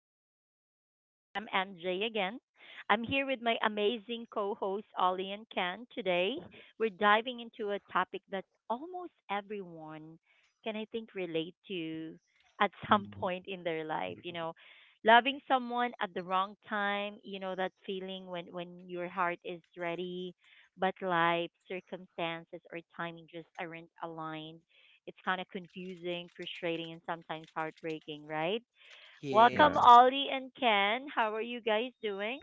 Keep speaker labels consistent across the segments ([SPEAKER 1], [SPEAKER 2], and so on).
[SPEAKER 1] the podcast. I'm MJ again. I'm here with my amazing co hosts Ollie and Ken. Today, we're diving into a topic that almost everyone can, I think, relate to at some point in their life. Loving someone at the wrong time, that feeling when your heart is ready, but life, circumstances, or timing just aren't aligned. It's kind of confusing, frustrating, and sometimes heartbreaking, right? Welcome,
[SPEAKER 2] Yeah,
[SPEAKER 3] Yes.
[SPEAKER 1] Ollie and Ken. How are you guys doing?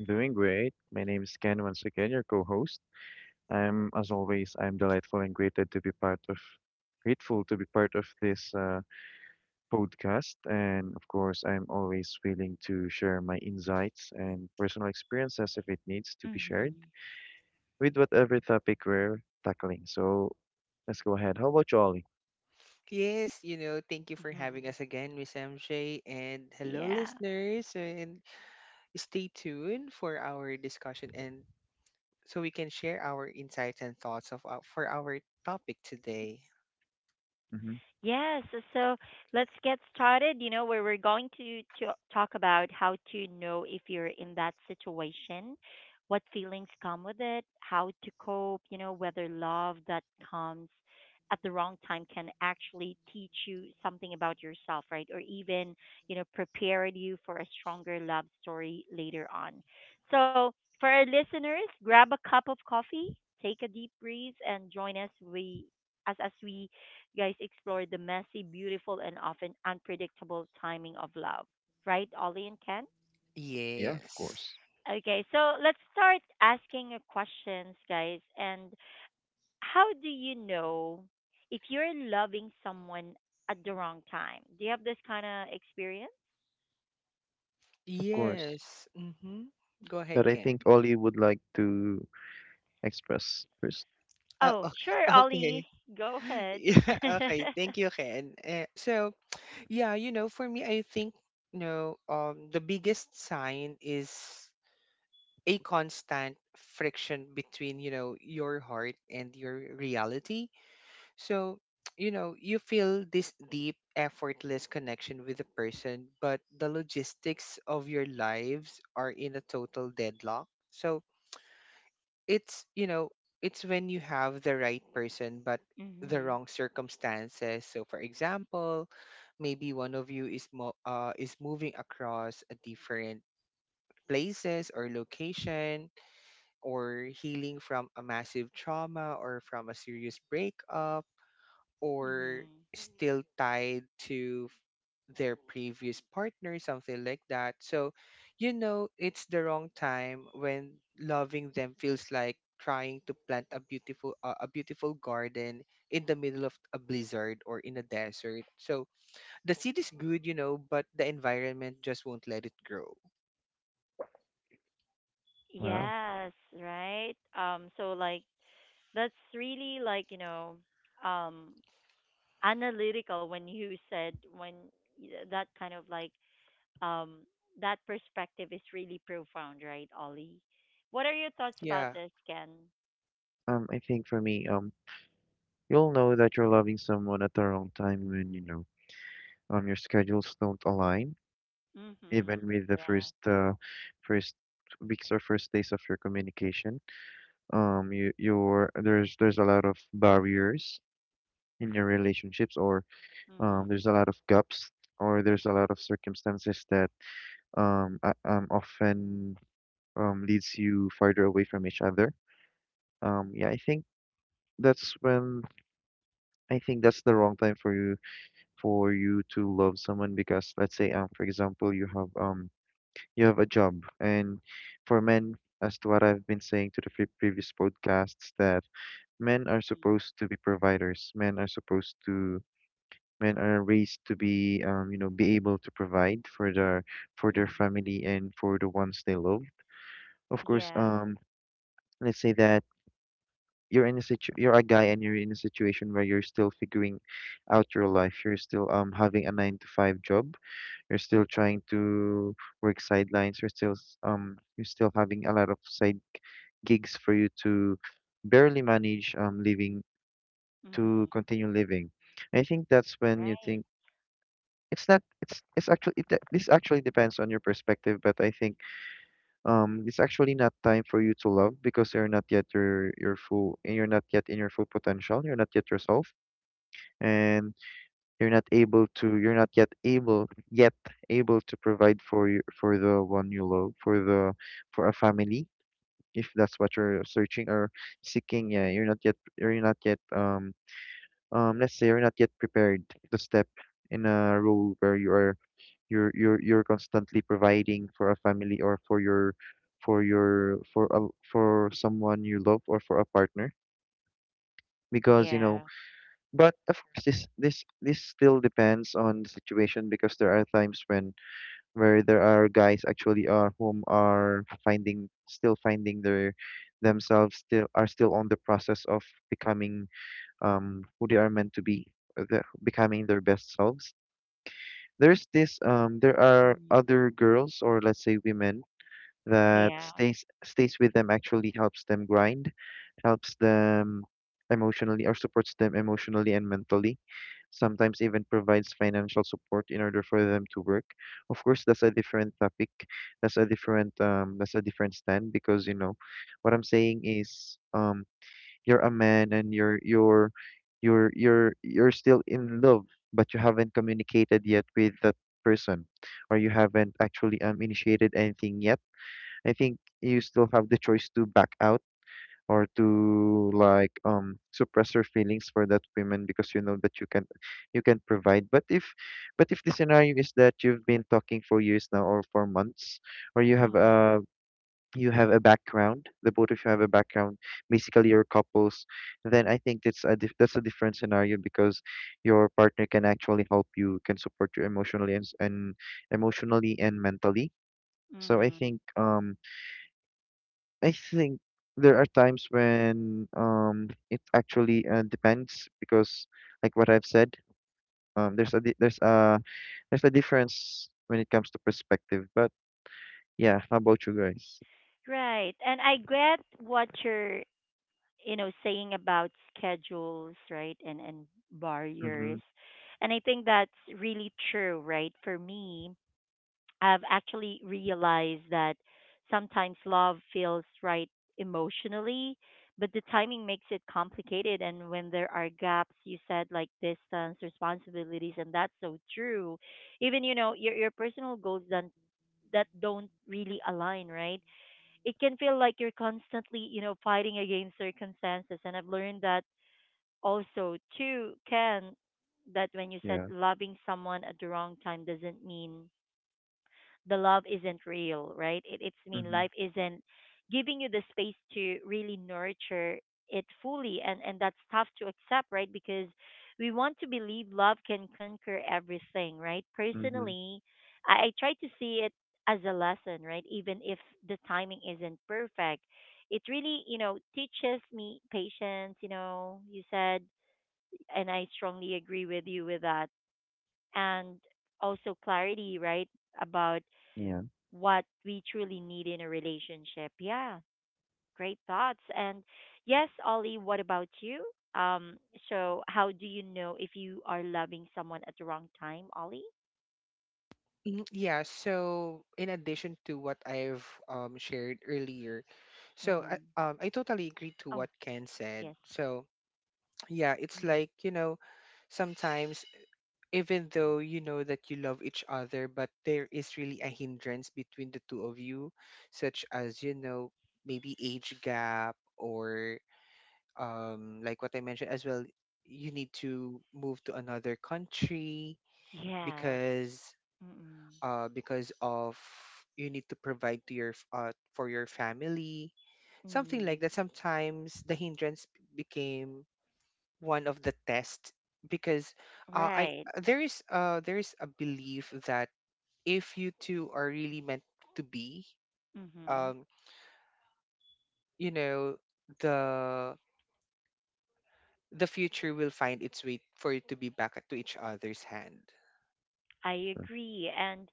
[SPEAKER 2] I'm doing great. My name is Ken once again, your co-host. I'm, as always, I'm delightful and grateful to be part of, grateful to be part of this podcast. And of course, I'm always willing to share my insights and personal experiences if it needs to be shared
[SPEAKER 1] Mm-hmm.
[SPEAKER 2] with whatever topic we're tackling. So let's go ahead. How about you, Ollie?
[SPEAKER 3] Yes, you know, thank you for having us again, Miss MJ. And hello,
[SPEAKER 1] Yeah.
[SPEAKER 3] listeners. And stay tuned for our discussion and so we can share our insights and thoughts of for our topic today.
[SPEAKER 2] Mm-hmm.
[SPEAKER 1] So let's get started. You know, where we're going to talk about how to know if you're in that situation, what feelings come with it, how to cope, you know, whether love that comes at the wrong time can actually teach you something about yourself, right? Or even, you know, prepare you for a stronger love story later on. So, for our listeners, grab a cup of coffee, take a deep breath, and join us we as we guys explore the messy, beautiful, and often unpredictable timing of love. Right, Ollie and Ken?
[SPEAKER 2] Yeah, of
[SPEAKER 3] Yes.
[SPEAKER 2] course,
[SPEAKER 1] Okay, so let's start asking your questions, guys. And how do you know if you're loving someone at the wrong time? Do you have this kind of experience?
[SPEAKER 2] of course.
[SPEAKER 3] Yes. Mm-hmm. Go ahead,
[SPEAKER 2] But I
[SPEAKER 3] Ken.
[SPEAKER 2] think Ollie would like to express first.
[SPEAKER 1] Oh,
[SPEAKER 3] Okay.
[SPEAKER 1] sure,
[SPEAKER 3] Okay.
[SPEAKER 1] Ollie. Go ahead.
[SPEAKER 3] Yeah, okay. Thank you, Ken. So, yeah, you know, for me, I think, you know, the biggest sign is a constant friction between you know your heart and your reality. So you know you feel this deep effortless connection with the person, but the logistics of your lives are in a total deadlock. So it's, you know, it's when you have the right person but the
[SPEAKER 1] Mhm.
[SPEAKER 3] wrong circumstances. So for example, maybe one of you is is moving across a different places or location, or healing from a massive trauma or from a serious breakup, or
[SPEAKER 1] Mhm.
[SPEAKER 3] still tied to their previous partner, something like that. So, you know, it's the wrong time when loving them feels like trying to plant a beautiful garden in the middle of a blizzard or in a desert. So the seed is good, you know, but the environment just won't let it grow.
[SPEAKER 2] Wow.
[SPEAKER 1] Yes, right. That's really like, um analytical when you said that kind of um that perspective is really profound, right, Ollie? What are your thoughts about
[SPEAKER 3] Yeah.
[SPEAKER 1] this, Ken?
[SPEAKER 2] I think for me. You'll know that you're loving someone at the wrong time when, you know, your schedules don't align, even
[SPEAKER 1] Mhm.
[SPEAKER 2] with the
[SPEAKER 1] Yeah.
[SPEAKER 2] first, first weeks or first days of your communication. There's a lot of barriers in your relationships, or
[SPEAKER 1] Mhm.
[SPEAKER 2] there's a lot of gaps, or there's a lot of circumstances that often leads you farther away from each other. Yeah, that's when I think that's the wrong time for you to love someone because let's say for example you have a job, and for men, as to what I've been saying to the previous podcasts, that men are
[SPEAKER 1] Mhm.
[SPEAKER 2] supposed to be providers, men are raised to be you know, be able to provide for their
[SPEAKER 1] Mhm.
[SPEAKER 2] family and for the ones they love, of course.
[SPEAKER 1] Yeah.
[SPEAKER 2] Let's say that you're in a situ you're a guy and you're in a situation where you're still figuring out your life, you're still having a 9 to 5 job. We're still trying to work sidelines. You're still having a lot of side gigs for you to barely manage living, to
[SPEAKER 1] Mhm.
[SPEAKER 2] continue living. I think that's when you
[SPEAKER 1] Right.
[SPEAKER 2] think it's not it's it's actually this actually depends on your perspective, but I think it's actually not time for you to love because you're not yet your full, and you're not yet in your full potential. You're not yet yourself, and you're not yet able to provide for for the one you love, for the for a family, if that's what you're searching or seeking. Yeah, you're not yet let's say you're not yet prepared to step in a role where you're constantly providing for a family, or for your for your for a, for someone you love, or for a partner, because you know.
[SPEAKER 1] Yeah.
[SPEAKER 2] But of course, this this still depends on the situation, because there are times when where there are guys actually are finding still finding their themselves, still are still on the process of becoming who they are meant to be, becoming their best selves. There are
[SPEAKER 1] Mhm.
[SPEAKER 2] other girls, or let's say women, that
[SPEAKER 1] Yeah.
[SPEAKER 2] stays with them, actually helps them grind, helps them emotionally, or supports them emotionally and mentally, sometimes even provides financial support in order for them to work. Of course, that's a different topic. That's a different stand, because you know what I'm saying is you're a man and you're still in love, but you haven't communicated yet with that person, or you haven't actually initiated anything yet. I think you still have the choice to back out, or to like suppress your feelings for that woman, because you know that you can provide. But if the scenario is that you've been talking for years now, or for months, or you have
[SPEAKER 1] Mhm.
[SPEAKER 2] a background, the both of you have a background, basically you're couples, then I think it's a that's a different scenario, because your partner can actually help, you can support you emotionally and, emotionally and mentally. So I
[SPEAKER 1] Mhm.
[SPEAKER 2] think, um, I think there are times when it actually depends, because like what I've said, there's a difference when it comes to perspective. But yeah, how about you guys?
[SPEAKER 1] Right. And I get what you're, you know, saying about schedules, right, and
[SPEAKER 2] Mm-hmm.
[SPEAKER 1] barriers, and I think that's really true, right? For me, I've actually realized that sometimes love feels right emotionally, but the timing makes it complicated, and when there are gaps, you said, like distance, responsibilities, and that's so true. Even, you know, your personal goals don't really align, right? It can feel like you're constantly, you know, fighting against circumstances. And I've learned that also too, Ken, that when you said
[SPEAKER 2] Yeah.
[SPEAKER 1] loving someone at the wrong time doesn't mean the love isn't real, right? It's mean
[SPEAKER 2] Mm-hmm.
[SPEAKER 1] life isn't giving you the space to really nurture it fully, and that's tough to accept, right? Because we want to believe love can conquer everything, right?
[SPEAKER 2] Mm-hmm.
[SPEAKER 1] Personally, I try to see it as a lesson, right? Even if the timing isn't perfect, it really, you know, teaches me patience. You know, you said, and I strongly agree with you with that, and also clarity, right? About
[SPEAKER 2] Yeah.
[SPEAKER 1] what we truly need in a relationship. Yeah, great thoughts. And yes, Ollie, what about you? Um, so how do you know if you are loving someone at the wrong time, Ollie?
[SPEAKER 3] Mm, yeah, so in addition to what I've shared earlier, so
[SPEAKER 1] Mm.
[SPEAKER 3] I totally agree to
[SPEAKER 1] Oh,
[SPEAKER 3] what Ken said.
[SPEAKER 1] yes.
[SPEAKER 3] So yeah, it's
[SPEAKER 1] Mm.
[SPEAKER 3] like, you know, sometimes even though you know that you love each other, but there is really a hindrance between the two of you, such as, you know, maybe age gap, or like what I mentioned as well, you need to move to another country
[SPEAKER 1] Yes.
[SPEAKER 3] because
[SPEAKER 1] Mm-mm.
[SPEAKER 3] because of you need to provide to your for your family, something like
[SPEAKER 1] Mm.
[SPEAKER 3] that. Sometimes the hindrance became one of the tests because I
[SPEAKER 1] Right.
[SPEAKER 3] there is a belief that if you two are really meant to be,
[SPEAKER 1] Mm-hmm.
[SPEAKER 3] um, you know, the the future will find its way for you to be back to each other's hand.
[SPEAKER 1] I agree.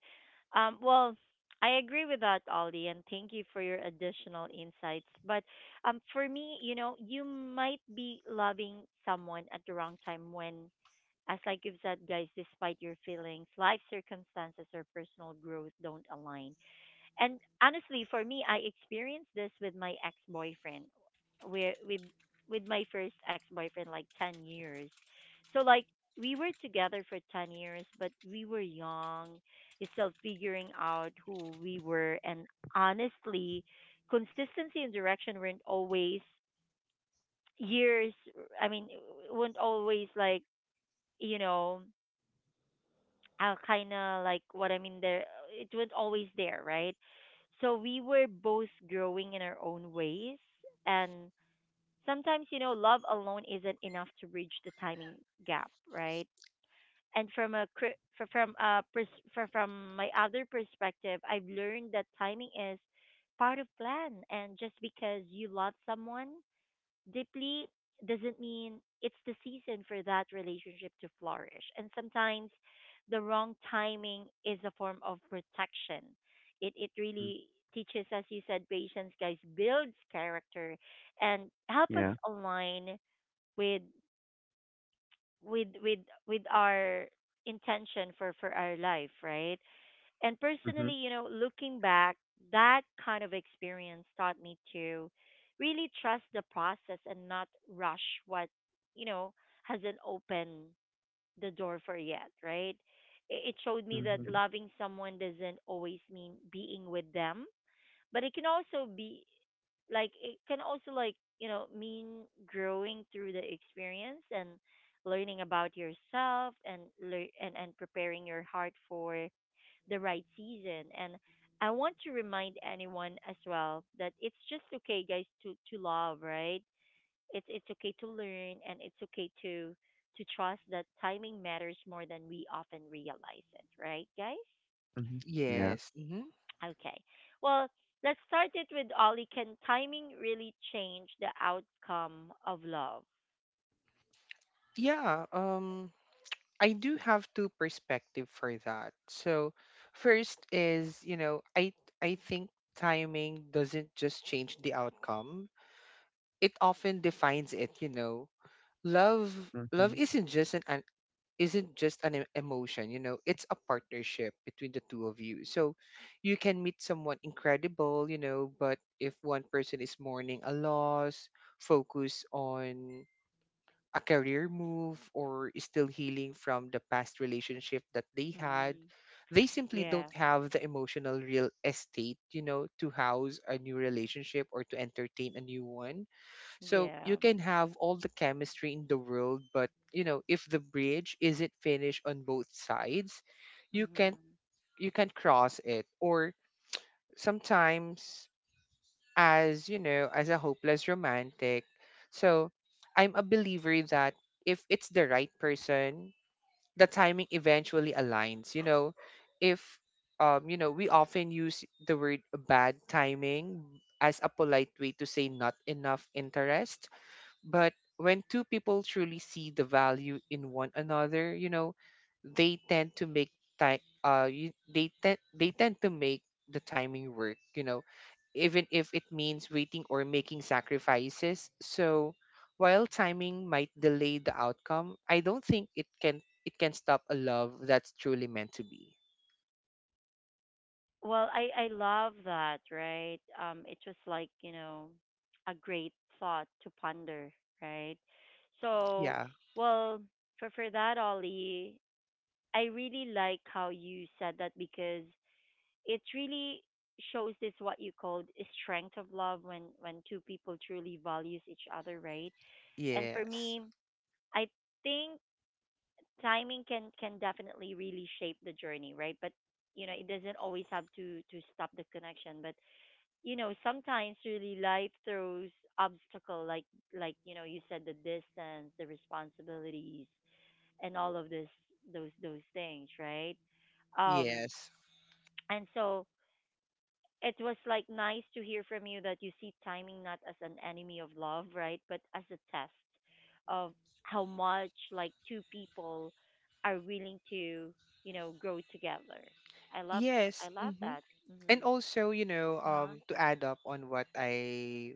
[SPEAKER 1] um, well, I agree with that, Ollie, and thank you for your additional insights. But for me, you know, you might be loving someone at the wrong time when, as like you've said, guys, despite your feelings, life circumstances or personal growth don't align. And honestly, for me, I experienced this with my ex boyfriend, where with my first ex boyfriend, like 10 years. So like we were together for 10 years, but we were young, still figuring out who we were, and honestly, consistency and direction weren't always years. I mean, weren't always like, you know, I'll kind of like what I mean there. It was always there, right? So we were both growing in our own ways, and sometimes, you know, love alone isn't enough to bridge the timing gap, right? And from a cri- fr- from a pers- fr- from my other perspective, I've learned that timing is part of plan, and just because you love someone deeply doesn't mean it's the season for that relationship to flourish. And sometimes the wrong timing is a form of protection. It
[SPEAKER 2] Mm.
[SPEAKER 1] really teaches, as you said, patience, guys, builds character, and help us
[SPEAKER 2] Yeah.
[SPEAKER 1] align with with with with our intention for our life, right? And
[SPEAKER 2] Mm-hmm.
[SPEAKER 1] personally, you know, looking back, that kind of experience taught me to really trust the process and not rush what, you know, hasn't opened the door for yet, right? It showed me that
[SPEAKER 2] Mm-hmm.
[SPEAKER 1] loving someone doesn't always mean being with them, but it can also be like, you know, mean growing through the experience and learning about yourself and preparing your heart for the right season. And I want to remind anyone as well that it's just okay, guys, to love, right? It's okay to learn, and it's okay to trust that timing matters more than we often realize it, right, guys?
[SPEAKER 2] Mm-hmm. Yeah.
[SPEAKER 3] Yes. Hmm.
[SPEAKER 1] Okay. Well, let's start it with Ollie. Can timing really change the outcome of love?
[SPEAKER 3] Yeah, um, I do have two perspective for that. So first is, you know, I think timing doesn't just change the outcome. It often defines it, you know. Love Love
[SPEAKER 2] Mm-hmm.
[SPEAKER 3] isn't just an emotion, you know. It's a partnership between the two of you. So you can meet someone incredible, you know, but if one person is mourning a loss, focus on a career move, or is still healing from the past relationship that they had,
[SPEAKER 1] Mm-hmm.
[SPEAKER 3] they simply don't
[SPEAKER 1] Yeah.
[SPEAKER 3] have the emotional real estate, you know, to house a new relationship or to entertain a new one. So
[SPEAKER 1] Yeah.
[SPEAKER 3] you can have all the chemistry in the world, but you know, if the bridge isn't finished on both sides, you
[SPEAKER 1] Mm-hmm.
[SPEAKER 3] can't cross it. Or sometimes, as you know, as a hopeless romantic, so I'm a believer that if it's the right person, the timing eventually aligns, you know. If, um, you know, we often use the word bad timing as a polite way to say not enough interest. But when two people truly see the value in one another, you know, they tend to make time. You, they tend They tend to make the timing work. You know, even if it means waiting or making sacrifices. So while timing might delay the outcome, I don't think it can stop a love that's truly meant to be.
[SPEAKER 1] Well, I love that, right? It was like, you know, a great thought to ponder, right? So,
[SPEAKER 3] Yeah.
[SPEAKER 1] well, for that, Ollie, I really like how you said that because it really shows this what you called a strength of love when two people truly values each other, right? And for
[SPEAKER 3] Yes.
[SPEAKER 1] me, I think timing can definitely really shape the journey, right? But you know, it doesn't always have to stop the connection, but you know, sometimes really life throws obstacle like, you know, you said, the distance, the responsibilities, and all of this, those things, right? um
[SPEAKER 3] Yes.
[SPEAKER 1] and so it was like nice to hear from you that you see timing not as an enemy of love, right, but as a test of how much like two people are willing to, you know, grow together. i love
[SPEAKER 3] Yes.
[SPEAKER 1] I love
[SPEAKER 3] Hmm.
[SPEAKER 1] that.
[SPEAKER 3] And
[SPEAKER 1] Mhm.
[SPEAKER 3] also, you know,
[SPEAKER 1] Uh-huh.
[SPEAKER 3] to add up on what I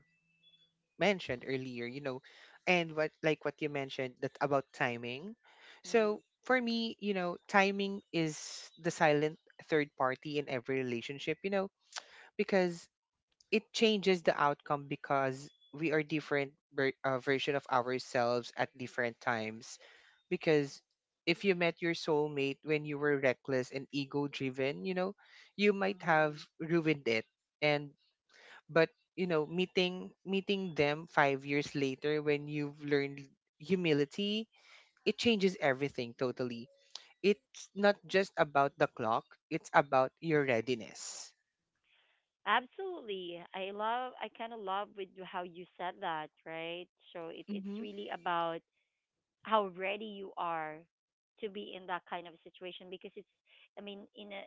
[SPEAKER 3] mentioned earlier, you know, and what you mentioned that about timing. So
[SPEAKER 1] Mhm.
[SPEAKER 3] for me, you know, timing is the silent third party in every relationship, you know, because it changes the outcome because we are different version of ourselves at different times, because if you met your soulmate when you were reckless and ego driven, you know, you might have
[SPEAKER 1] Mhm.
[SPEAKER 3] ruined it. And but you know meeting them 5 years later when you've learned humility, it changes everything totally. It's not just about the clock, it's about your readiness.
[SPEAKER 1] Absolutely. I kind of love with how you said that, right? So it it's
[SPEAKER 3] Mm-hmm.
[SPEAKER 1] really about how ready you are to be in that kind of situation because it's, I mean in a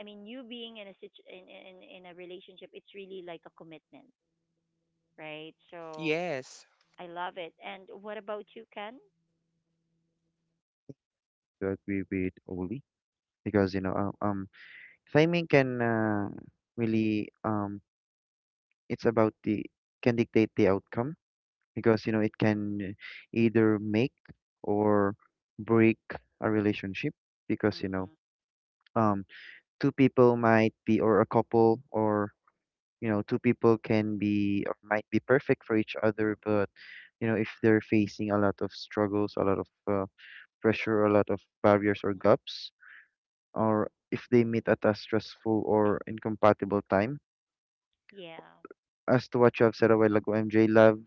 [SPEAKER 1] I mean, you being in a in a relationship, it's really like a commitment, right? So
[SPEAKER 3] Yes.
[SPEAKER 1] I love it. And what about you, Ken?
[SPEAKER 2] To agree with Oli, because you know, timing can, really it's about the, can dictate the outcome, because you know it can either make or break a relationship, because you know,
[SPEAKER 1] Mhm.
[SPEAKER 2] um two people might be, or a couple or you know, two people can be or might be perfect for each other, but you know, if they're facing a lot of struggles, a lot of pressure, a lot of barriers or gaps, or if they meet at a stressful or incompatible time,
[SPEAKER 1] Yeah,
[SPEAKER 2] as to what you have said a while ago, MJ love,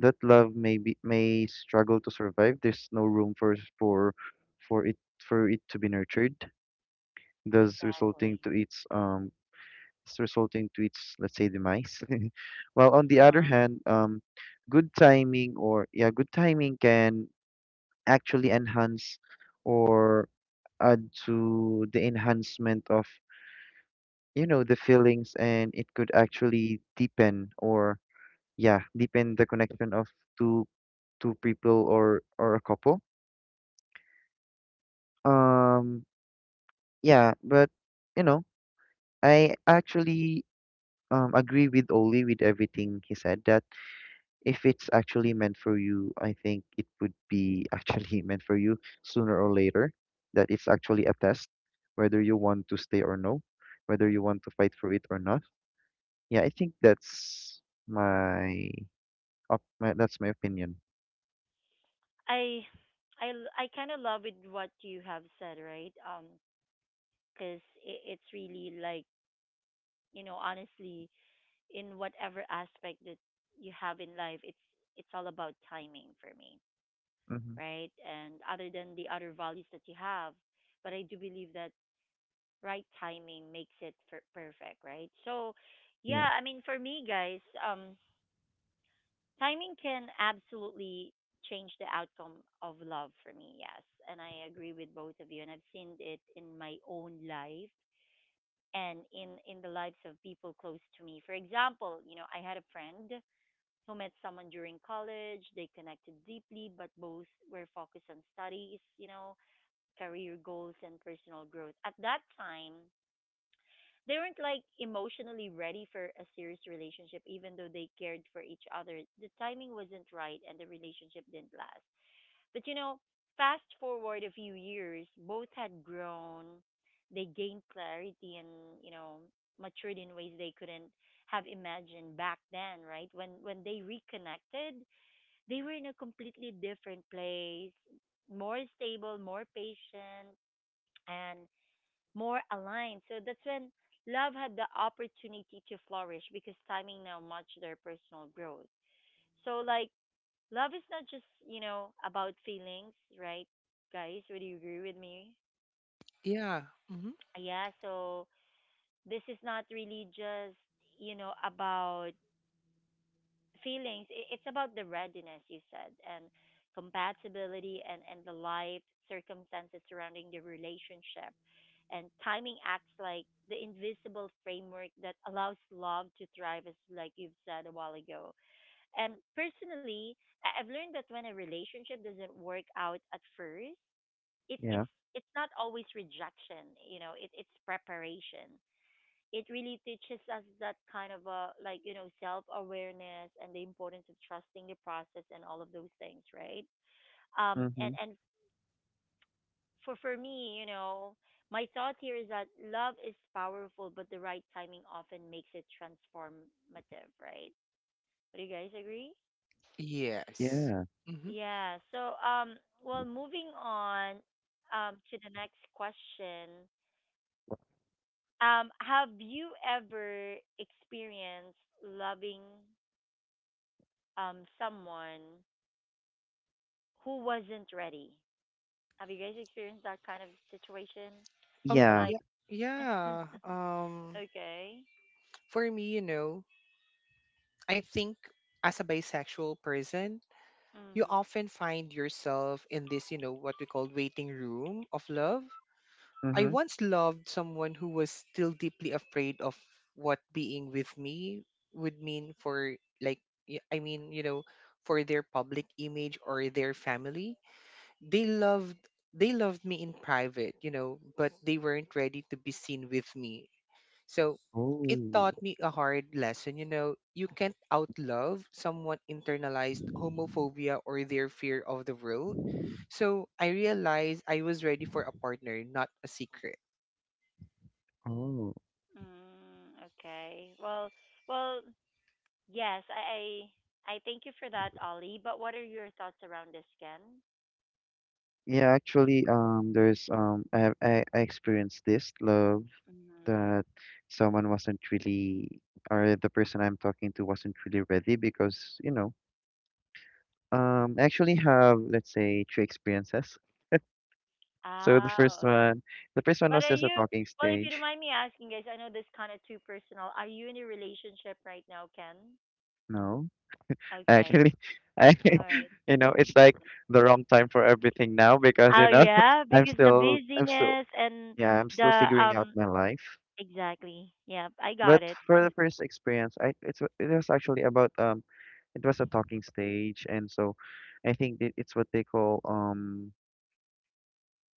[SPEAKER 2] that love may be, may struggle to survive. There's no room for it to be nurtured, thus resulting
[SPEAKER 1] exactly.
[SPEAKER 2] to its resulting to its, let's say, demise. While on the other
[SPEAKER 1] Uh-huh.
[SPEAKER 2] hand, good timing, or yeah, good timing can actually enhance, or add to the enhancement of, you know, the feelings, and it could actually deepen, or yeah, deepen the connection of two two people, or a couple. Um, yeah, but you know, I actually agree with Oli with everything he said, that if it's actually meant for you, I think it would be actually meant for you sooner or later, that it's actually a test, whether you want to stay or no, whether you want to fight for it or not. Yeah, I think that's my up my that's my opinion.
[SPEAKER 1] I I kind of love it what you have said, right? Because it's really like, you know, honestly, in whatever aspect that you have in life, it's all about timing for me,
[SPEAKER 2] Mm-hmm.
[SPEAKER 1] right, and other than the other values that you have. But I do believe that right timing makes it perfect, right? So
[SPEAKER 2] Yeah.
[SPEAKER 1] yeah, I mean, for me, guys, um, timing can absolutely change the outcome of love for me, yes. And I agree with both of you, and I've seen it in my own life and in the lives of people close to me. For example, you know, I had a friend who met someone during college. They connected deeply, but both were focused on studies, you know, career goals, and personal growth. At that time, they weren't like emotionally ready for a serious relationship, even though they cared for each other. The timing wasn't right, and the relationship didn't last. But you know, fast forward a few years, both had grown. They gained clarity and, you know, matured in ways they couldn't have imagined back then, right? When they reconnected, they were in a completely different place, more stable, more patient, and more aligned. So that's when love had the opportunity to flourish because timing now matched their personal growth. So, like, love is not just, you know, about feelings, right, guys? Would you agree with me?
[SPEAKER 3] Yeah. Mm-hmm.
[SPEAKER 1] Yeah, so this is not really just, you know, about feelings. It's about the readiness, you said, and compatibility and the life circumstances surrounding the relationship, and timing acts like the invisible framework that allows love to thrive, as like you've said a while ago. And personally, I've learned that when a relationship doesn't work out at first, it, it's
[SPEAKER 2] Yeah.
[SPEAKER 1] it's not always rejection, you know, it's preparation. It really teaches us that kind of a, like, you know, self awareness and the importance of trusting the process and all of those things, right?
[SPEAKER 2] Mm-hmm.
[SPEAKER 1] And For me, you know, my thought here is that love is powerful, but the right timing often makes it transformative, right? Do you guys agree?
[SPEAKER 3] Yes.
[SPEAKER 2] Yeah.
[SPEAKER 3] Mm-hmm.
[SPEAKER 1] Yeah, so um, well, moving on to the next question, um, have you ever experienced loving someone who wasn't ready? Have you guys experienced that kind of situation?
[SPEAKER 3] Oh,
[SPEAKER 1] You're
[SPEAKER 2] Yeah.
[SPEAKER 1] like,
[SPEAKER 3] yeah. Yeah, um,
[SPEAKER 1] okay,
[SPEAKER 3] for me, you know, I think, as a bisexual person, you
[SPEAKER 1] mm-hmm.
[SPEAKER 3] often find yourself in this, you know, what we call waiting room of love. I
[SPEAKER 2] Mm-hmm.
[SPEAKER 3] once loved someone who was still deeply afraid of what being with me would mean for, like, I mean, you know, for their public image or their family. They loved they loved me in private, you know, but they weren't ready to be seen with me. So it
[SPEAKER 2] Oh,
[SPEAKER 3] taught me a hard lesson, you know, you can't outlove someone internalized homophobia or their fear of the world. So I realized I was ready for a partner, not a secret.
[SPEAKER 2] oh.
[SPEAKER 1] Mm, okay. Well, well, yes, I thank you for that, Ollie. But what are your thoughts around this, Ken?
[SPEAKER 2] Yeah, actually, there's I experienced this love that
[SPEAKER 1] Mm-hmm.
[SPEAKER 2] someone wasn't really, or the person I'm talking to wasn't really ready, because you know, I actually have, let's say, three experiences. So
[SPEAKER 1] Oh, okay.
[SPEAKER 2] the first one
[SPEAKER 1] But
[SPEAKER 2] was
[SPEAKER 1] are
[SPEAKER 2] just a
[SPEAKER 1] you?
[SPEAKER 2] talking
[SPEAKER 1] Well, if you don't
[SPEAKER 2] stage.
[SPEAKER 1] mind me asking, guys, I know this kind of too personal. Are you in a relationship right now, Ken?
[SPEAKER 2] No,
[SPEAKER 1] Okay.
[SPEAKER 2] actually, I,
[SPEAKER 1] All right.
[SPEAKER 2] you know, it's like the wrong time for everything now, because
[SPEAKER 1] Oh
[SPEAKER 2] you know,
[SPEAKER 1] yeah, because the
[SPEAKER 2] I'm still,
[SPEAKER 1] busyness and
[SPEAKER 2] yeah, I'm still
[SPEAKER 1] the
[SPEAKER 2] figuring out my life.
[SPEAKER 1] Exactly. Yep, I
[SPEAKER 2] But
[SPEAKER 1] got it.
[SPEAKER 2] for the first experience, it was actually about it was a talking stage, and so I think it's what they call um,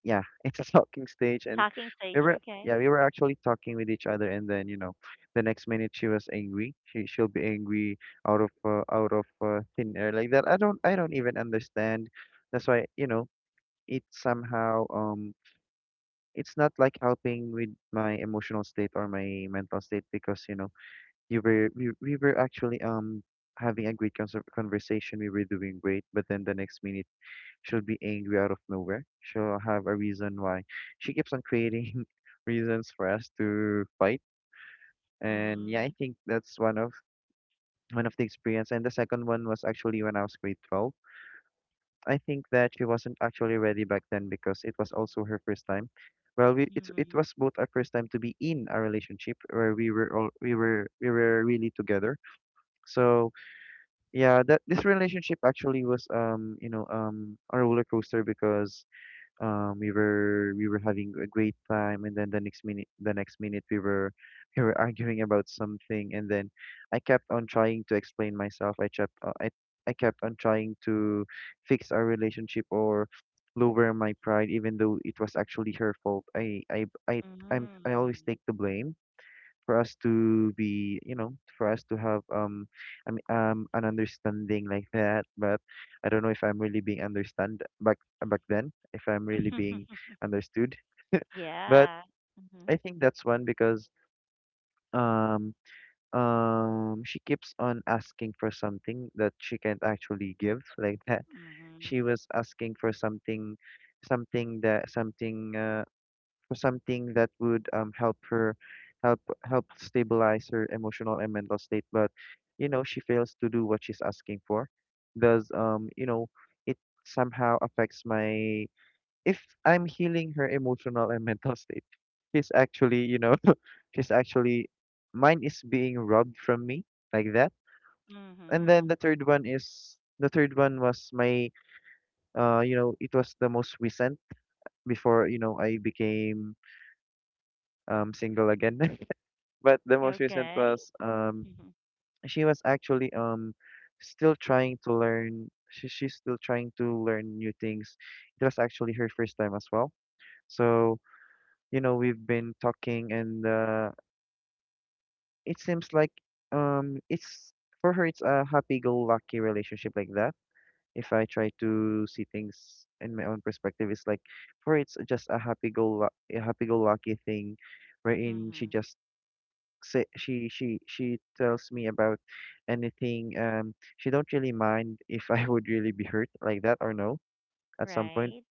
[SPEAKER 2] yeah it's a talking stage, and
[SPEAKER 1] Talking
[SPEAKER 2] we
[SPEAKER 1] stage,
[SPEAKER 2] were
[SPEAKER 1] okay.
[SPEAKER 2] yeah, we were actually talking with each other, and then you know, the next minute she was angry. She'll be angry out of thin air like that. I don't even understand. That's why you know, it somehow um it's not like helping with my emotional state or my mental state, because you know, you were we were actually having a great conversation, we were doing great, but then the next minute she'll be angry out of nowhere, she'll have a reason why, she keeps on creating reasons for us to fight. And yeah, I
[SPEAKER 1] Mm,
[SPEAKER 2] think that's one of the experience. And the second one was actually when I was grade 12. I think that she wasn't actually ready back then, because it was also her first time. Well, we, it's it
[SPEAKER 1] mm,
[SPEAKER 2] was both our first time to be in a relationship where we were really together. So yeah, that this relationship actually was, um, you know, um, a roller coaster, because we were having a great time, and then the next minute we were we were arguing about something, and then I kept on trying to explain myself, I kept, I kept on trying to fix our relationship, or lower my pride, even though it was actually her fault. I'm, I
[SPEAKER 1] mm.
[SPEAKER 2] always take the blame for us to be, you know, for us to have I mean, an understanding like that. But I don't know if I'm really being understand, back then, if I'm really being understood. But
[SPEAKER 1] yeah.
[SPEAKER 2] I
[SPEAKER 1] Mhm,
[SPEAKER 2] think that's one, because um she keeps on asking for something that she can't actually give like that.
[SPEAKER 1] mhm,
[SPEAKER 2] She was asking for something something that, something for something that would help her, help stabilize her emotional and mental state. But you know, she fails to do what she's asking for, does you know, it somehow affects my, if I'm healing her emotional and mental state, she's actually, you know, she's actually, mine is being robbed from me, like that. And then
[SPEAKER 1] mhm.
[SPEAKER 2] the third one was my, uh, you know, it was the most recent before, you know, I became single again. But the most recent
[SPEAKER 1] Okay.
[SPEAKER 2] was, um,
[SPEAKER 1] Mhm,
[SPEAKER 2] she was actually, um, still trying to learn, she's still trying to learn new things. It was actually her first time as well. So, you know, we've been talking and it seems like it's for her it's a happy-go-lucky relationship like that. If I try to see things in my own perspective, it's like for her, it's just a happy-go-lucky thing wherein she
[SPEAKER 1] mhm.
[SPEAKER 2] just say she tells me about anything. She don't really mind if I would really be hurt like that or no. At some point,
[SPEAKER 1] Right.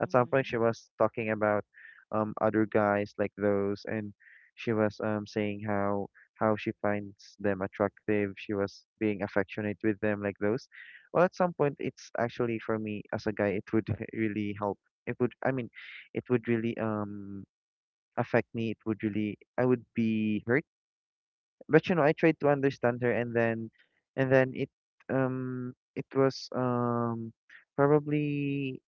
[SPEAKER 1] Mhm,
[SPEAKER 2] she was talking about other guys like those, and she was saying how she finds them attractive. She was being affectionate with them like those. Well, at some point, it's actually for me as a guy, it would really help. It would, I mean, it would really affect me. It would really, I would be hurt, but you know, I tried to understand her, and then it was probably,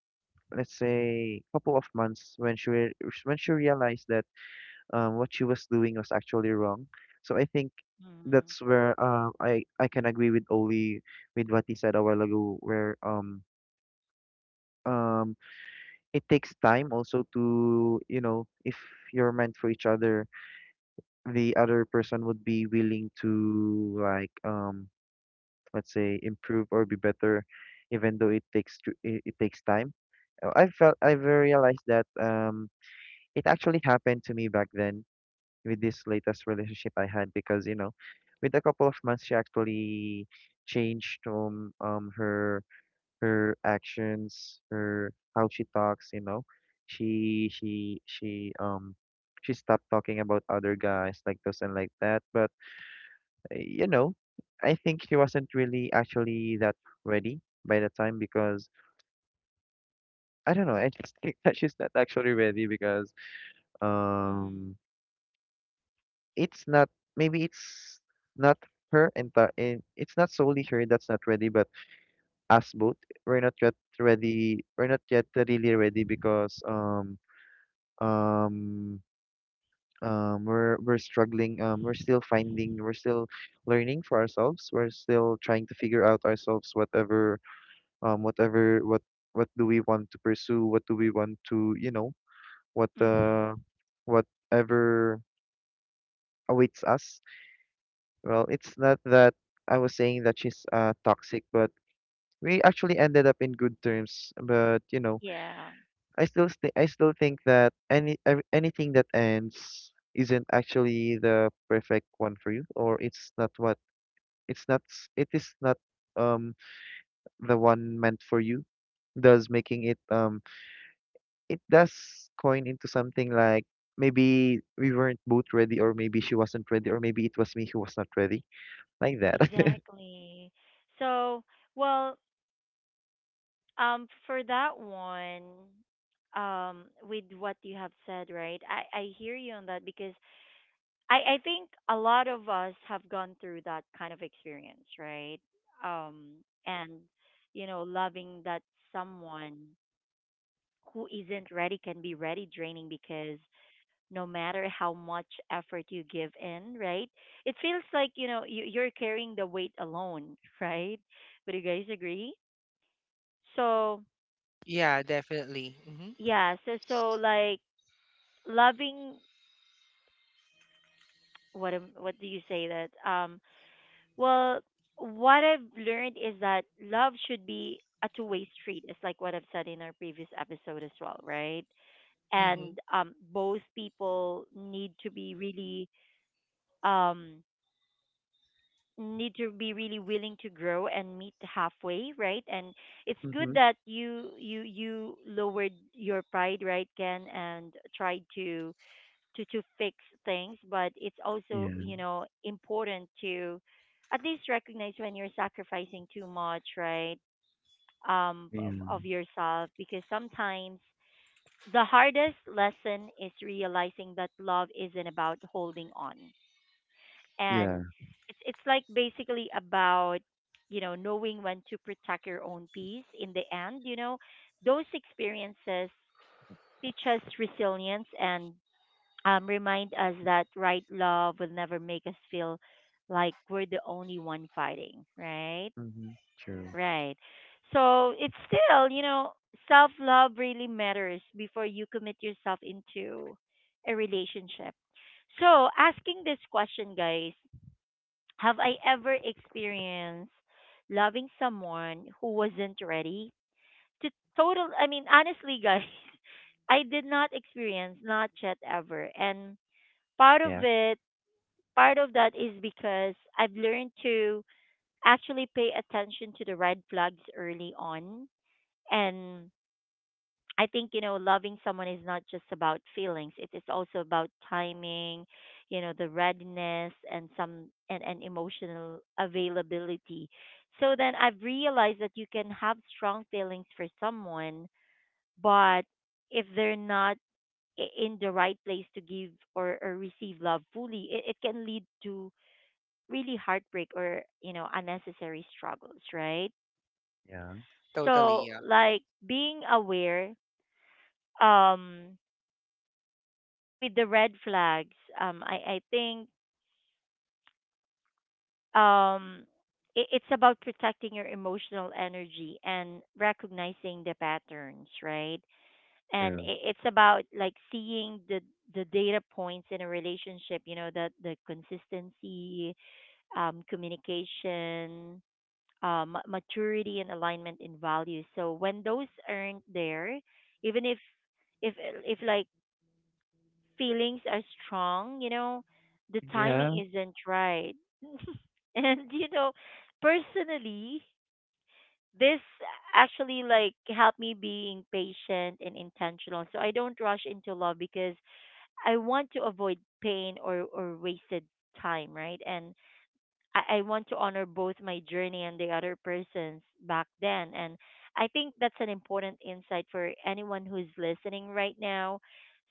[SPEAKER 2] let's say, a couple of months when when she realized that what she was doing was actually wrong. So I think
[SPEAKER 1] mhm,
[SPEAKER 2] that's where I can agree with Oli with what he said a while ago, where um it takes time also to, you know, if you're meant for each other, the other person would be willing to, like, let's say improve or be better, even though it takes time. I realized that it actually happened to me back then with this latest relationship I had because, you know, with a couple of months she actually changed, her actions, her how she talks, you know, she she she um she stopped talking about other guys like this and like that, but you know, I think she wasn't really actually that ready by the time because I don't know. I just think that she's not actually ready because
[SPEAKER 1] mhm,
[SPEAKER 2] um, it's not, maybe it's not her entire. It's not solely her that's not ready, but us both, we're not yet ready. We're not yet really ready because um we're struggling. We're still finding. We're still learning for ourselves. We're still trying to figure out ourselves. Um whatever what what do we want to pursue? What do we want to, you know, what,
[SPEAKER 1] mhm.
[SPEAKER 2] whatever awaits us? Well, it's not that I was saying that she's toxic, but we actually ended up in good terms, but you know,
[SPEAKER 1] Yeah,
[SPEAKER 2] I still think that anything that ends isn't actually the perfect one for you, or it's not what, it is not um the one meant for you. Does making it um it does coin into something like, maybe we weren't both ready, or maybe she wasn't ready, or maybe it was me who was not ready, like that.
[SPEAKER 1] exactly. So, well, for that one, with what you have said, right? I hear you on that because I think a lot of us have gone through that kind of experience, right? Um, and you know, loving that someone who isn't ready can be ready draining because no matter how much effort you give in, right? It feels like you know you're carrying the weight alone, right? Would you guys agree? So
[SPEAKER 3] Yeah, definitely. Mhm.
[SPEAKER 1] yeah, so so like loving what do you say that Well, what I've learned is that love should be a two-way street. It's like what I've said in our previous episode as well, right? And
[SPEAKER 3] Mhm.
[SPEAKER 1] both people need to be really um, need to be really willing to grow and meet halfway, right? And it's good
[SPEAKER 2] Hmm.
[SPEAKER 1] that you lowered your pride, right, Ken, and tried to to fix things, but it's also
[SPEAKER 2] Yeah.
[SPEAKER 1] you know important to at least recognize when you're sacrificing too much, right? Um,
[SPEAKER 2] Yeah.
[SPEAKER 1] of, of yourself because sometimes the hardest lesson is realizing that love isn't about holding on,
[SPEAKER 2] Yeah.
[SPEAKER 1] and it's like basically about you know knowing when to protect your own peace in the end. You know those experiences teach us resilience and remind us that right love will never make us feel like we're the only one fighting, right?
[SPEAKER 2] Hmm. True.
[SPEAKER 1] Right. So it's still, you know, self love really matters before you commit yourself into a relationship. So, asking this question, guys, have I ever experienced loving someone who wasn't ready to total? I mean, honestly, guys, I did not experience, not yet ever. And part of
[SPEAKER 2] Yeah.
[SPEAKER 1] it part of that is because I've learned to actually pay attention to the red flags early on. And I think, you know, loving someone is not just about feelings. It is also about timing, you know, the readiness and and emotional availability. So then I've realized that you can have strong feelings for someone, but if they're not in the right place to give or receive love fully, it can lead to really heartbreak or you know unnecessary struggles, right?
[SPEAKER 2] Yeah.
[SPEAKER 3] Totally,
[SPEAKER 1] So
[SPEAKER 3] yeah.
[SPEAKER 1] like being aware um with the red flags I think um, it's about protecting your emotional energy and recognizing the patterns, right? And
[SPEAKER 2] True.
[SPEAKER 1] I it's about like seeing the data points in a relationship, you know, that the consistency communication maturity and alignment in values. So when those aren't there, even if if like feelings are strong, you know, the
[SPEAKER 2] Yeah.
[SPEAKER 1] timing isn't right. And you know, personally, this actually like helped me being patient and intentional. So I don't rush into love because I want to avoid pain or wasted time, right? And I want to honor both my journey and the other person's back then. And I think that's an important insight for anyone who's listening right now.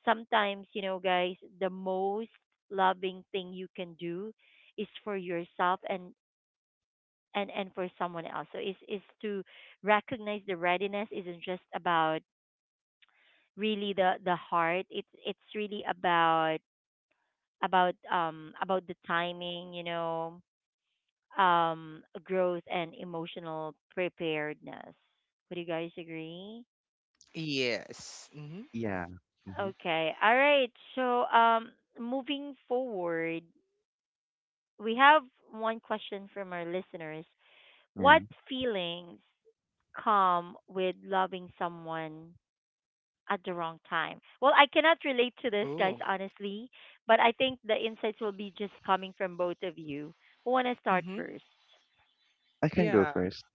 [SPEAKER 1] Sometimes, you know, guys, the most loving thing you can do is for yourself and and for someone else. So is to recognize the readiness isn't just about really the heart. It's really about about the timing, you know, growth and emotional preparedness. Would you guys agree?
[SPEAKER 3] Yes. Mhm.
[SPEAKER 2] Yeah. Mm-hmm.
[SPEAKER 1] Okay. All right. So, moving forward, we have one question from our listeners.
[SPEAKER 2] Yeah.
[SPEAKER 1] What feelings come with loving someone at the wrong time? Well, I cannot relate to this, guys,
[SPEAKER 3] Ooh.
[SPEAKER 1] honestly, but I think the insights will be just coming from both of you. Who want to start
[SPEAKER 3] Mhm.
[SPEAKER 1] first?
[SPEAKER 2] I can go
[SPEAKER 3] Yeah.
[SPEAKER 2] first.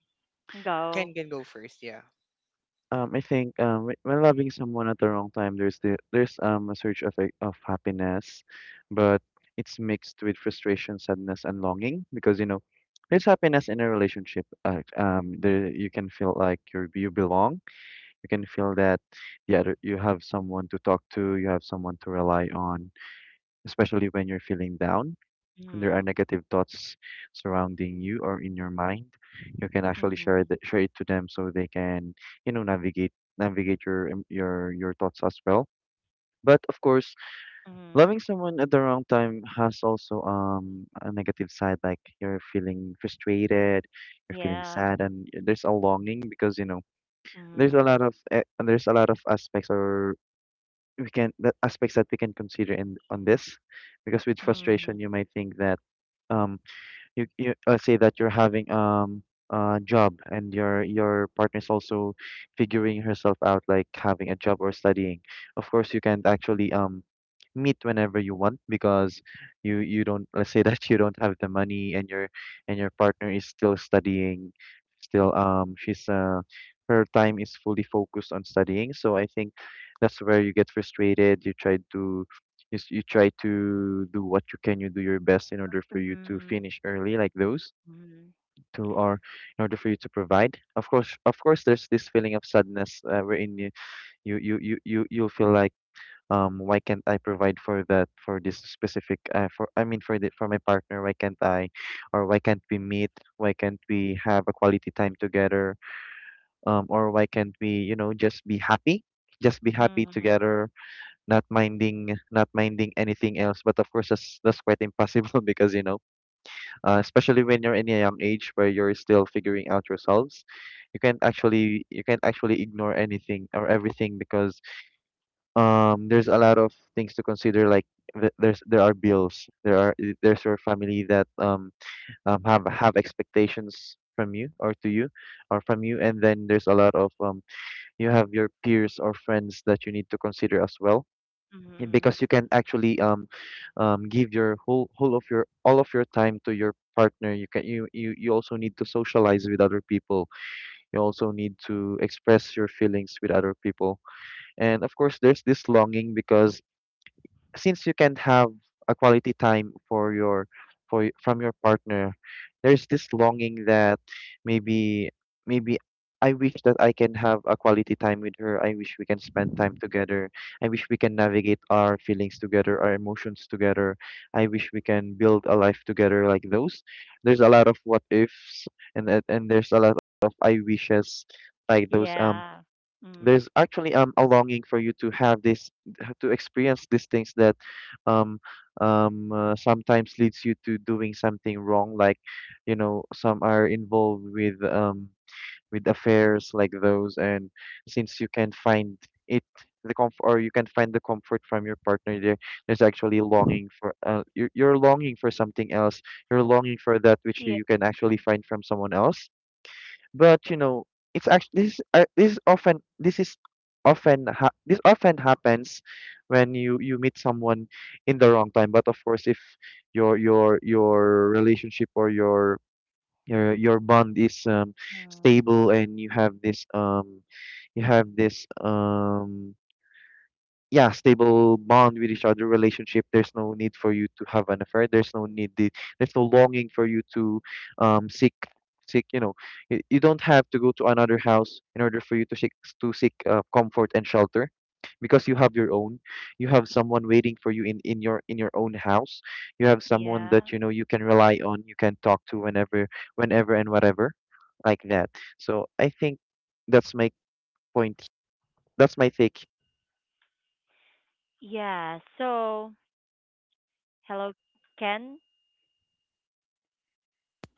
[SPEAKER 1] Go.
[SPEAKER 3] Can go first, yeah.
[SPEAKER 2] I think, when loving someone at the wrong time, there's the there's a surge of of happiness, but it's mixed with frustration, sadness, and longing because, you know, there's happiness in a relationship. The You can feel like you belong. You can feel that, yeah, you have someone to talk to. You have someone to rely on, especially when you're feeling down, when there
[SPEAKER 1] Mm-hmm.
[SPEAKER 2] are negative thoughts surrounding you or in your mind, you can actually
[SPEAKER 1] Mm-hmm.
[SPEAKER 2] share it to them so they can, you know, navigate your your thoughts as well. But of course, loving someone at the wrong time has also a negative side. Like, you're feeling frustrated, you're feeling
[SPEAKER 1] Yeah.
[SPEAKER 2] sad, and there's a longing because, you know,
[SPEAKER 1] Mm.
[SPEAKER 2] there's a lot of aspects, or we can the aspects that we can consider in, on this, because with
[SPEAKER 1] Mm.
[SPEAKER 2] frustration you might think that um you say that you're having a job and your partner is also figuring herself out, like having a job or studying. Of course you can not actually meet whenever you want because you don't, let's say, that you don't have the money, and your partner is still studying, still she's her time is fully focused on studying, so I think that's where you get frustrated. You try to, do what you can, you do your best in order for you to
[SPEAKER 1] Mm.
[SPEAKER 2] finish early, like those,
[SPEAKER 1] Mm.
[SPEAKER 2] to, or in order for you to provide. Of course there's this feeling of sadness, wherein you'll feel like, why can't I provide for that for this specific for I mean for the for my partner, why can't I, or why can't we meet, why can't we have a quality time together, or why can't we, you know, just be happy, just be happy
[SPEAKER 1] Mhm.
[SPEAKER 2] together, not minding anything else, but of course that's quite impossible because, you know, especially when you're in a young age where you're still figuring out yourselves. You can't actually ignore anything or everything because there's a lot of things to consider like, there are bills, there's your family that, have expectations from you or to you or from you, and then there's a lot of, you have your peers or friends that you need to consider as well,
[SPEAKER 1] Mhm.
[SPEAKER 2] because you can actually give your whole whole of your all of your time to your partner, you can you you, you also need to socialize with other people. You also need to express your feelings with other people. And of course there's this longing because since you can have a quality time for your for y- from your partner, there's this longing that, maybe maybe I wish that I can have a quality time with her. I wish we can spend time together. I wish we can navigate our feelings together, our emotions together. I wish we can build a life together, like those. There's a lot of what ifs, and there's a lot of I wishes, like those.
[SPEAKER 1] Yeah. Mm.
[SPEAKER 2] There's actually a longing for you to have this, to experience these things that, um sometimes leads you to doing something wrong, like, you know, some are involved with, with affairs, like those. And since you can find it the comfort, or you can find the comfort from your partner there's actually longing for, you're longing for something else, you're longing for that which
[SPEAKER 1] Yeah.
[SPEAKER 2] you can actually find from someone else. But you know, it's actually this. Is this often happens when you meet someone in the wrong time. But of course, if your relationship or your bond is,
[SPEAKER 1] Mm.
[SPEAKER 2] stable, and you have this, yeah, stable bond with each other relationship, there's no need for you to have an affair. There's no need, there's no longing for you to um seek seek, you know, you don't have to go to another house in order for you to seek, comfort and shelter, because you have your own, you have someone waiting for you in your own house. You have someone
[SPEAKER 1] Yeah.
[SPEAKER 2] that, you know, you can rely on, you can talk to whenever and whatever, like that. So I think that's my point, that's my take.
[SPEAKER 1] Yeah. So, hello, Ken.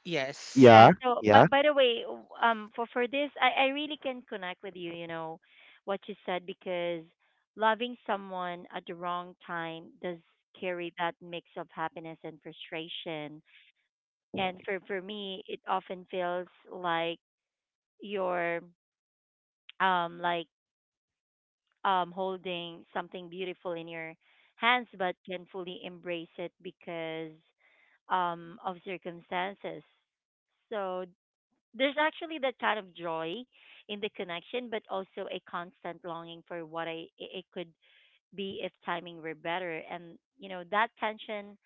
[SPEAKER 3] Yes.
[SPEAKER 1] Yeah.
[SPEAKER 2] Yeah,
[SPEAKER 3] Mm.
[SPEAKER 1] So,
[SPEAKER 2] yeah.
[SPEAKER 1] but by the way, for this, I really can connect with you. You know, what you said because loving someone at the wrong time does carry that mix of happiness and frustration. And for me, it often feels like you're um like holding something beautiful in your hands but can fully embrace it because of circumstances. So there's actually that kind of joy in the connection but also a constant longing for what I it it could be if timing were better. And, you know, that tension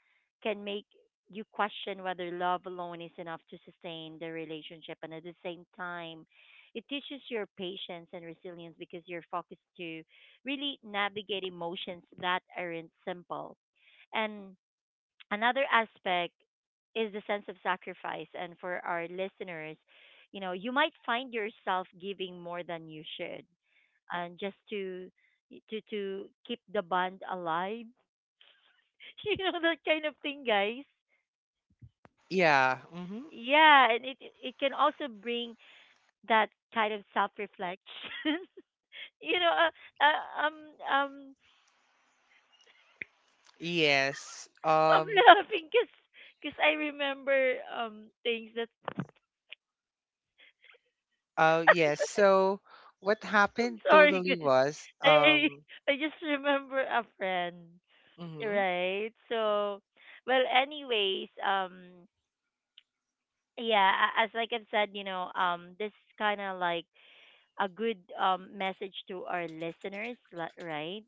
[SPEAKER 1] can make you question whether love alone is enough to sustain the relationship. And at the same time, it teaches your patience and resilience because you're focused to really navigate emotions that aren't simple. And another aspect is the sense of sacrifice, and for our listeners, you know, you might find yourself giving more than you should, and just to to keep the bond alive, you know, that kind of thing, guys.
[SPEAKER 3] Yeah. Mhm.
[SPEAKER 1] Yeah, and it can also bring that kind of self reflection. You know, um
[SPEAKER 3] Yes.
[SPEAKER 1] I'm
[SPEAKER 3] Um,
[SPEAKER 1] laughing because I remember things that
[SPEAKER 3] uh, yes. So what
[SPEAKER 1] I'm
[SPEAKER 3] happened
[SPEAKER 1] sorry.
[SPEAKER 3] totally was,
[SPEAKER 1] I
[SPEAKER 3] um,
[SPEAKER 1] I just remember a friend,
[SPEAKER 3] mhm.
[SPEAKER 1] right? So, well, anyways, yeah, as like I've said, you know, this is kind of like a good message to our listeners, right?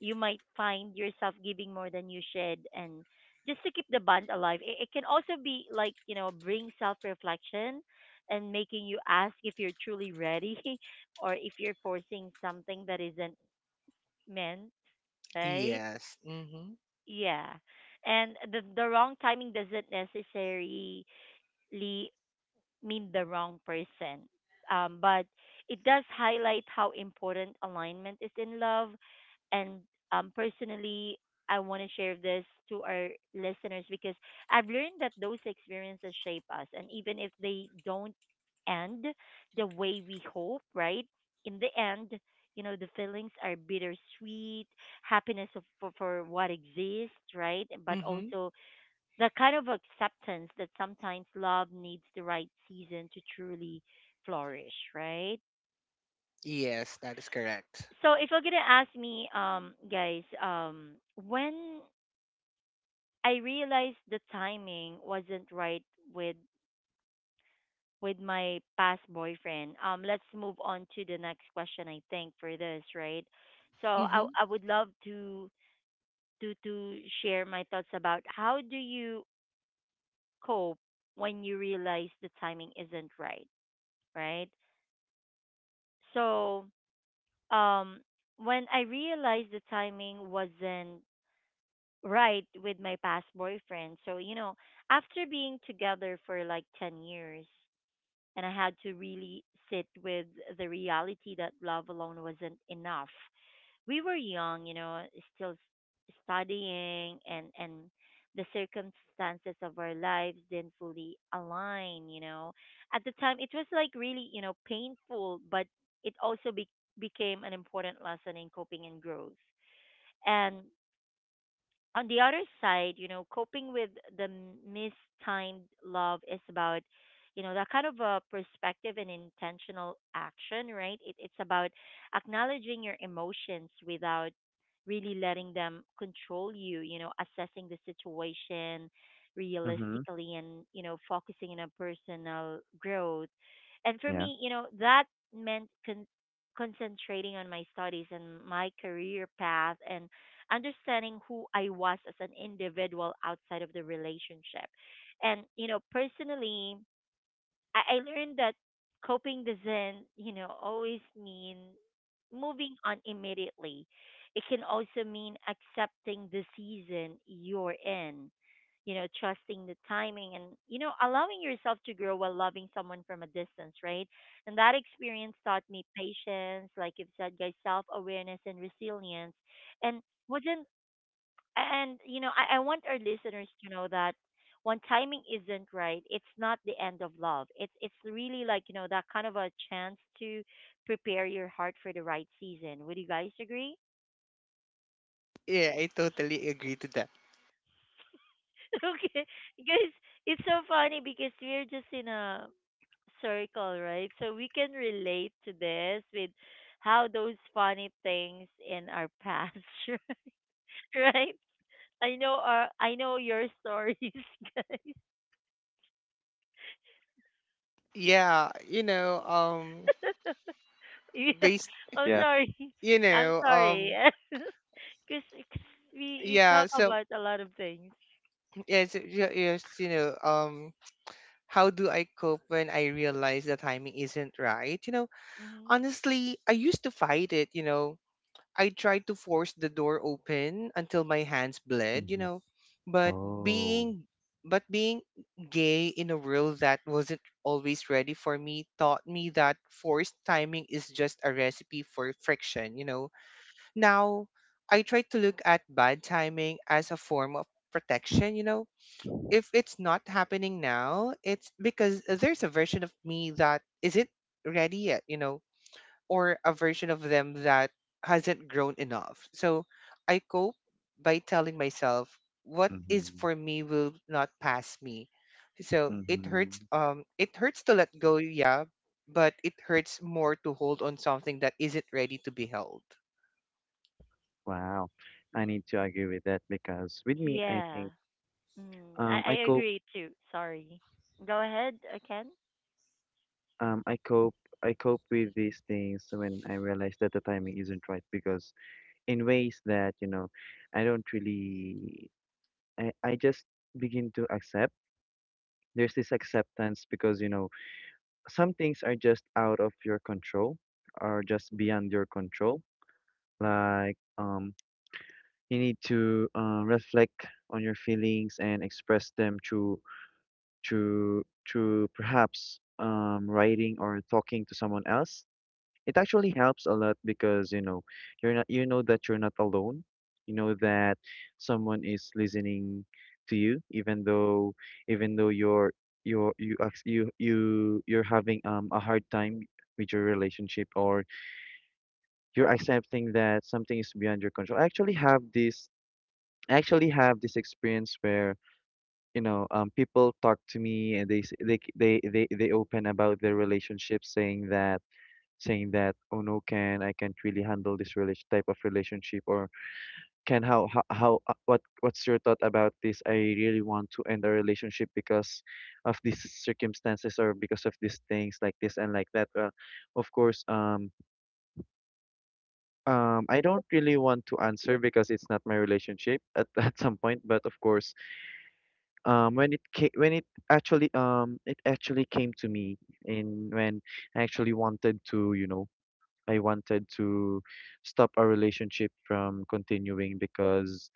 [SPEAKER 1] You might find yourself giving more than you should, and just to keep the bond alive, it can also be like you know, bring self reflection and making you ask if you're truly ready or if you're forcing something that isn't meant, right?
[SPEAKER 3] Yes. Mhm.
[SPEAKER 1] Yeah. And the wrong timing doesn't necessarily mean the wrong person. But it does highlight how important alignment is in love. And personally, I want to share this to our listeners because I've learned that those experiences shape us. And even if they don't end the way we hope, right? In the end, you know, the feelings are bittersweet, happiness for what exists, right? But
[SPEAKER 3] Mhm.
[SPEAKER 1] also the kind of acceptance that sometimes love needs the right season to truly flourish, right?
[SPEAKER 3] Yes, that is correct.
[SPEAKER 1] So if you're gonna ask me, guys, when I realized the timing wasn't right with with my past boyfriend, let's move on to the next question. I think for this, right? So I
[SPEAKER 3] Mhm.
[SPEAKER 1] I would love to to share my thoughts about how do you cope when you realize the timing isn't right, right? So um, when I realized the timing wasn't right with my past boyfriend, so you know, after being together for like 10 years, and I had to really sit with the reality that love alone wasn't enough. We were young, you know, still studying and the circumstances of our lives didn't fully align, you know. At the time it was like really, you know, painful, but it also became an important lesson in coping and growth. And on the other side, you know, coping with the mistimed love is about, you know, that kind of a perspective and intentional action, right? It's about acknowledging your emotions without really letting them control you, you know, assessing the situation
[SPEAKER 2] Mhm.
[SPEAKER 1] realistically and, you know, focusing on a personal growth. And for
[SPEAKER 2] Yeah.
[SPEAKER 1] me, you know, that meant concentrating on my studies and my career path and understanding who I was as an individual outside of the relationship. And, you know, personally, I learned that coping doesn't, you know, always mean moving on immediately. It can also mean accepting the season you're in, you know, trusting the timing and, you know, allowing yourself to grow while loving someone from a distance, right? And that experience taught me patience, like you've said, guys, self awareness and resilience. And wasn't and you know, I want our listeners to know that when timing isn't right, it's not the end of love. It's really like, you know, that kind of a chance to prepare your heart for the right season. Would you guys agree?
[SPEAKER 3] Yeah, I totally agree to that.
[SPEAKER 1] Okay. Because it's so funny because we're just in a circle, right? So we can relate to this with how those funny things in our past, right? I know your stories,
[SPEAKER 3] Yeah, you know, um,
[SPEAKER 1] guys. Yeah,
[SPEAKER 3] based,
[SPEAKER 1] I'm
[SPEAKER 2] Yeah.
[SPEAKER 1] sorry.
[SPEAKER 3] you
[SPEAKER 1] I'm
[SPEAKER 3] know,
[SPEAKER 1] sorry.
[SPEAKER 3] um,
[SPEAKER 1] Because we
[SPEAKER 3] yeah,
[SPEAKER 1] talk
[SPEAKER 3] so
[SPEAKER 1] about a lot of things.
[SPEAKER 3] yes, yes, you know, how do I cope when I realize the timing isn't right? You know,
[SPEAKER 1] Hmm.
[SPEAKER 3] honestly, I used to fight it, you know. I tried to force the door open until my hands bled, you
[SPEAKER 2] Mhm.
[SPEAKER 3] know. But
[SPEAKER 2] Oh.
[SPEAKER 3] being being gay in a world that wasn't always ready for me taught me that forced timing is just a recipe for friction, you know. Now I try to look at bad timing as a form of protection, you know. If it's not happening now, it's because there's a version of me that isn't ready yet, you know, or a version of them that hasn't grown enough. So I cope by telling myself what is
[SPEAKER 2] Mhm.
[SPEAKER 3] for me will not pass me. So
[SPEAKER 2] Mhm.
[SPEAKER 3] it hurts to let go, yeah, but it hurts more to hold on something that isn't ready to be held.
[SPEAKER 2] Wow. I need to agree with that because with me, I
[SPEAKER 1] Yeah.
[SPEAKER 2] think
[SPEAKER 1] Mm,
[SPEAKER 2] um
[SPEAKER 1] I
[SPEAKER 2] I cope
[SPEAKER 1] agree too. Sorry. Go ahead, I can.
[SPEAKER 2] um I cope I cope with these things when I realize that the timing isn't right because, in ways that, you know, I don't really I just begin to accept. There's this acceptance because, you know, some things are just out of your control or just beyond your control. Like, you need to reflect on your feelings and express them through, perhaps, writing or talking to someone else. It actually helps a lot because, you know, you know that you're not alone. You know that someone is listening to you, even though even though you're you're you ac- you you're having a hard time with your relationship, or you're accepting that something is beyond your control. I actually have this experience where, you know, people talk to me and they s- they c- they open about their relationship, saying that, oh no, can I can't really handle this relation type of relationship, or can how what's your thought about this? I really want to end a relationship because of these circumstances or because of these things like this and like that. Well, of course, I don't really want to answer because it's not my relationship at at some point, but of course when when it actually came to me. And when I actually wanted to, I wanted to stop our relationship from continuing because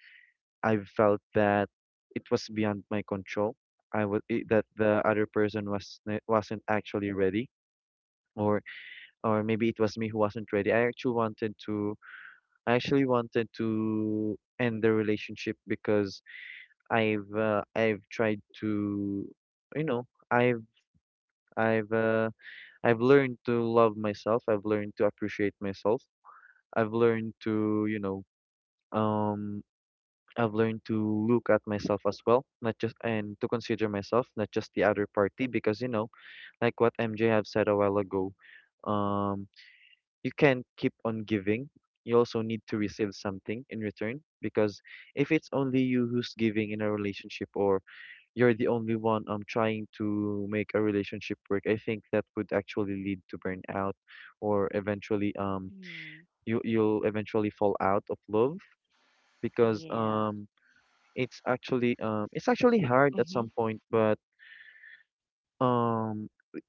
[SPEAKER 2] I felt that it was beyond my control. That the other person wasn't actually ready, or or maybe it was me who wasn't ready. I actually wanted to end the relationship because I've tried to, you know I I've uh, I've learned to love myself. I've learned to appreciate myself. I've learned to, you know, um, I've learned to look at myself as well, not just, and to consider myself, not just the other party, because you know, like what MJ have said a while ago, um, you can't keep on giving. You also need to receive something in return, because if it's only you who's giving in a relationship, or you're the only one trying to make a relationship work, I think that would actually lead to burnout or eventually
[SPEAKER 1] Mm,
[SPEAKER 2] you you'll eventually fall out of love, because
[SPEAKER 1] yeah.
[SPEAKER 2] it's actually hard at
[SPEAKER 3] Mm-hmm.
[SPEAKER 2] some point. But um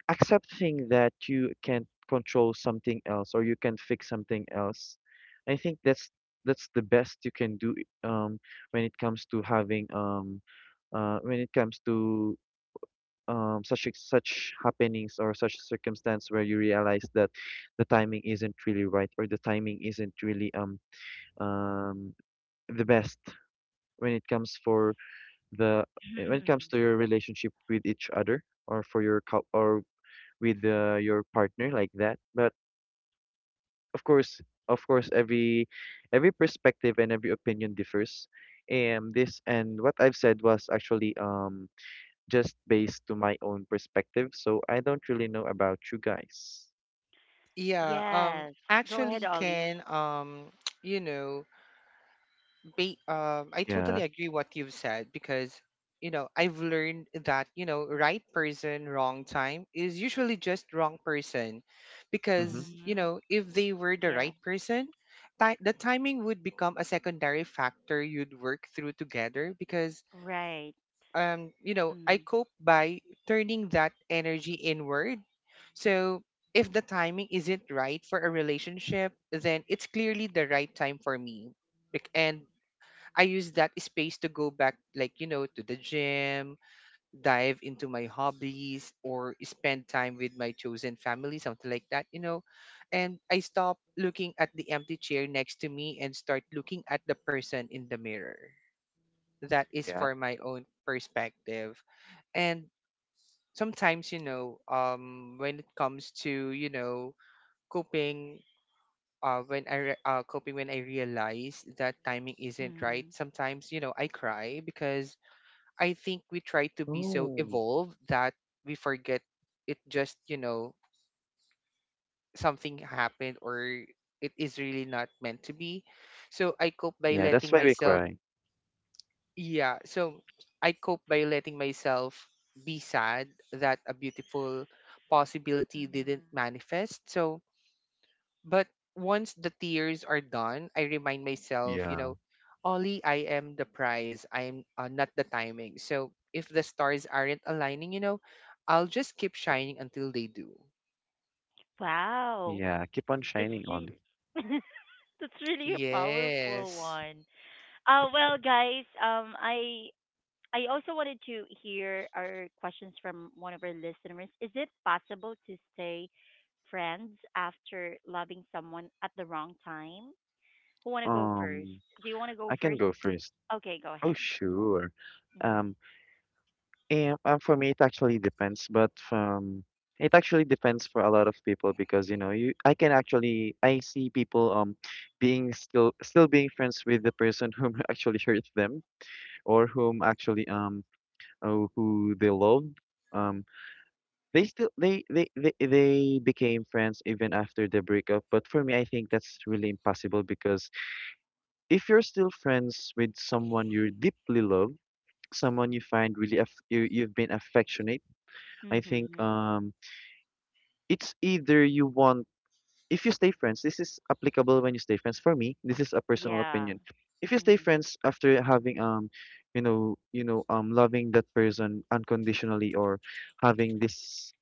[SPEAKER 2] accepting that you can't control something else or you can not fix something else, I think that's the best you can do um when it comes to having when it comes to such such happenings or such circumstance where you realize that the timing isn't really right, or the timing isn't really um the best when it comes for the when it comes to your relationship with each other, or for your or with your partner like that. But of course, of course every perspective and every opinion differs, and this and what I've said was actually just based to my own perspective, so I don't really know about you guys.
[SPEAKER 3] Yeah, um,
[SPEAKER 1] yes. Go ahead,
[SPEAKER 3] actually,
[SPEAKER 1] Ollie.
[SPEAKER 3] can um, you know, I
[SPEAKER 2] Yeah.
[SPEAKER 3] totally agree what you've said, because you know I've learned that, you know, right person, wrong time is usually just wrong person,
[SPEAKER 2] Mm-hmm.
[SPEAKER 3] because you
[SPEAKER 1] Hmm.
[SPEAKER 3] know if they were the
[SPEAKER 1] Yeah.
[SPEAKER 3] right person, the timing would become a secondary factor you'd work through together. Because,
[SPEAKER 1] Right.
[SPEAKER 3] um, you know,
[SPEAKER 1] Mm,
[SPEAKER 3] I cope by turning that energy inward, so. If the timing isn't right for a relationship, then it's clearly the right time for me. And I use that space to go back, like, you know, to the gym, dive into my hobbies, or spend time with my chosen family, something like that, you know. And I stop looking at the empty chair next to me and start looking at the person in the mirror. That is
[SPEAKER 2] Yeah.
[SPEAKER 3] for my own perspective. And sometimes, you know, when it comes to, you know, coping, coping when I realize that timing isn't
[SPEAKER 1] mm.
[SPEAKER 3] right. Sometimes, you know, I cry because I think we try to be so
[SPEAKER 2] Oh.
[SPEAKER 3] evolved that we forget it just, you know, something happened, or it is really not meant to be. So I cope by
[SPEAKER 2] Yeah, that's
[SPEAKER 3] letting
[SPEAKER 2] why we
[SPEAKER 3] myself,
[SPEAKER 2] cry.
[SPEAKER 3] yeah. So I cope by letting myself be sad that a beautiful possibility didn't manifest. So but once the tears are done, I remind myself, you
[SPEAKER 2] Yeah.
[SPEAKER 3] know, Ollie, I am the prize. I'm not the timing. So if the stars aren't aligning, you know, I'll just keep shining until they do.
[SPEAKER 1] Wow.
[SPEAKER 2] Yeah. Keep on
[SPEAKER 1] That's
[SPEAKER 2] shining, Ollie.
[SPEAKER 1] really, that's really a powerful
[SPEAKER 3] Yes.
[SPEAKER 1] one. Well, guys, I also wanted to hear our questions from one of our listeners. Is it possible to stay friends after loving someone at the wrong time? Who want to go first?
[SPEAKER 2] Um,
[SPEAKER 1] Do you want to go
[SPEAKER 2] I can
[SPEAKER 1] first?
[SPEAKER 2] go first.
[SPEAKER 1] Okay, go
[SPEAKER 2] Oh,
[SPEAKER 1] ahead.
[SPEAKER 2] sure.
[SPEAKER 1] Mm-hmm.
[SPEAKER 2] Um, and, for me, it actually depends, but it actually depends for a lot of people because you know you I can actually I see people being still being friends with the person whom actually hurt them, or whom actually who they loved. Um, they still they became friends even after the breakup. But for me, I think that's really impossible because if you're still friends with someone you deeply love, someone you find really aff you you've been affectionate, I think
[SPEAKER 1] Mm-hmm.
[SPEAKER 2] it's either you want. If you stay friends, this is applicable when you stay friends. For me, this is a personal
[SPEAKER 1] Yeah.
[SPEAKER 2] opinion. If you stay
[SPEAKER 1] Mm-hmm.
[SPEAKER 2] friends after having loving that person unconditionally, or having this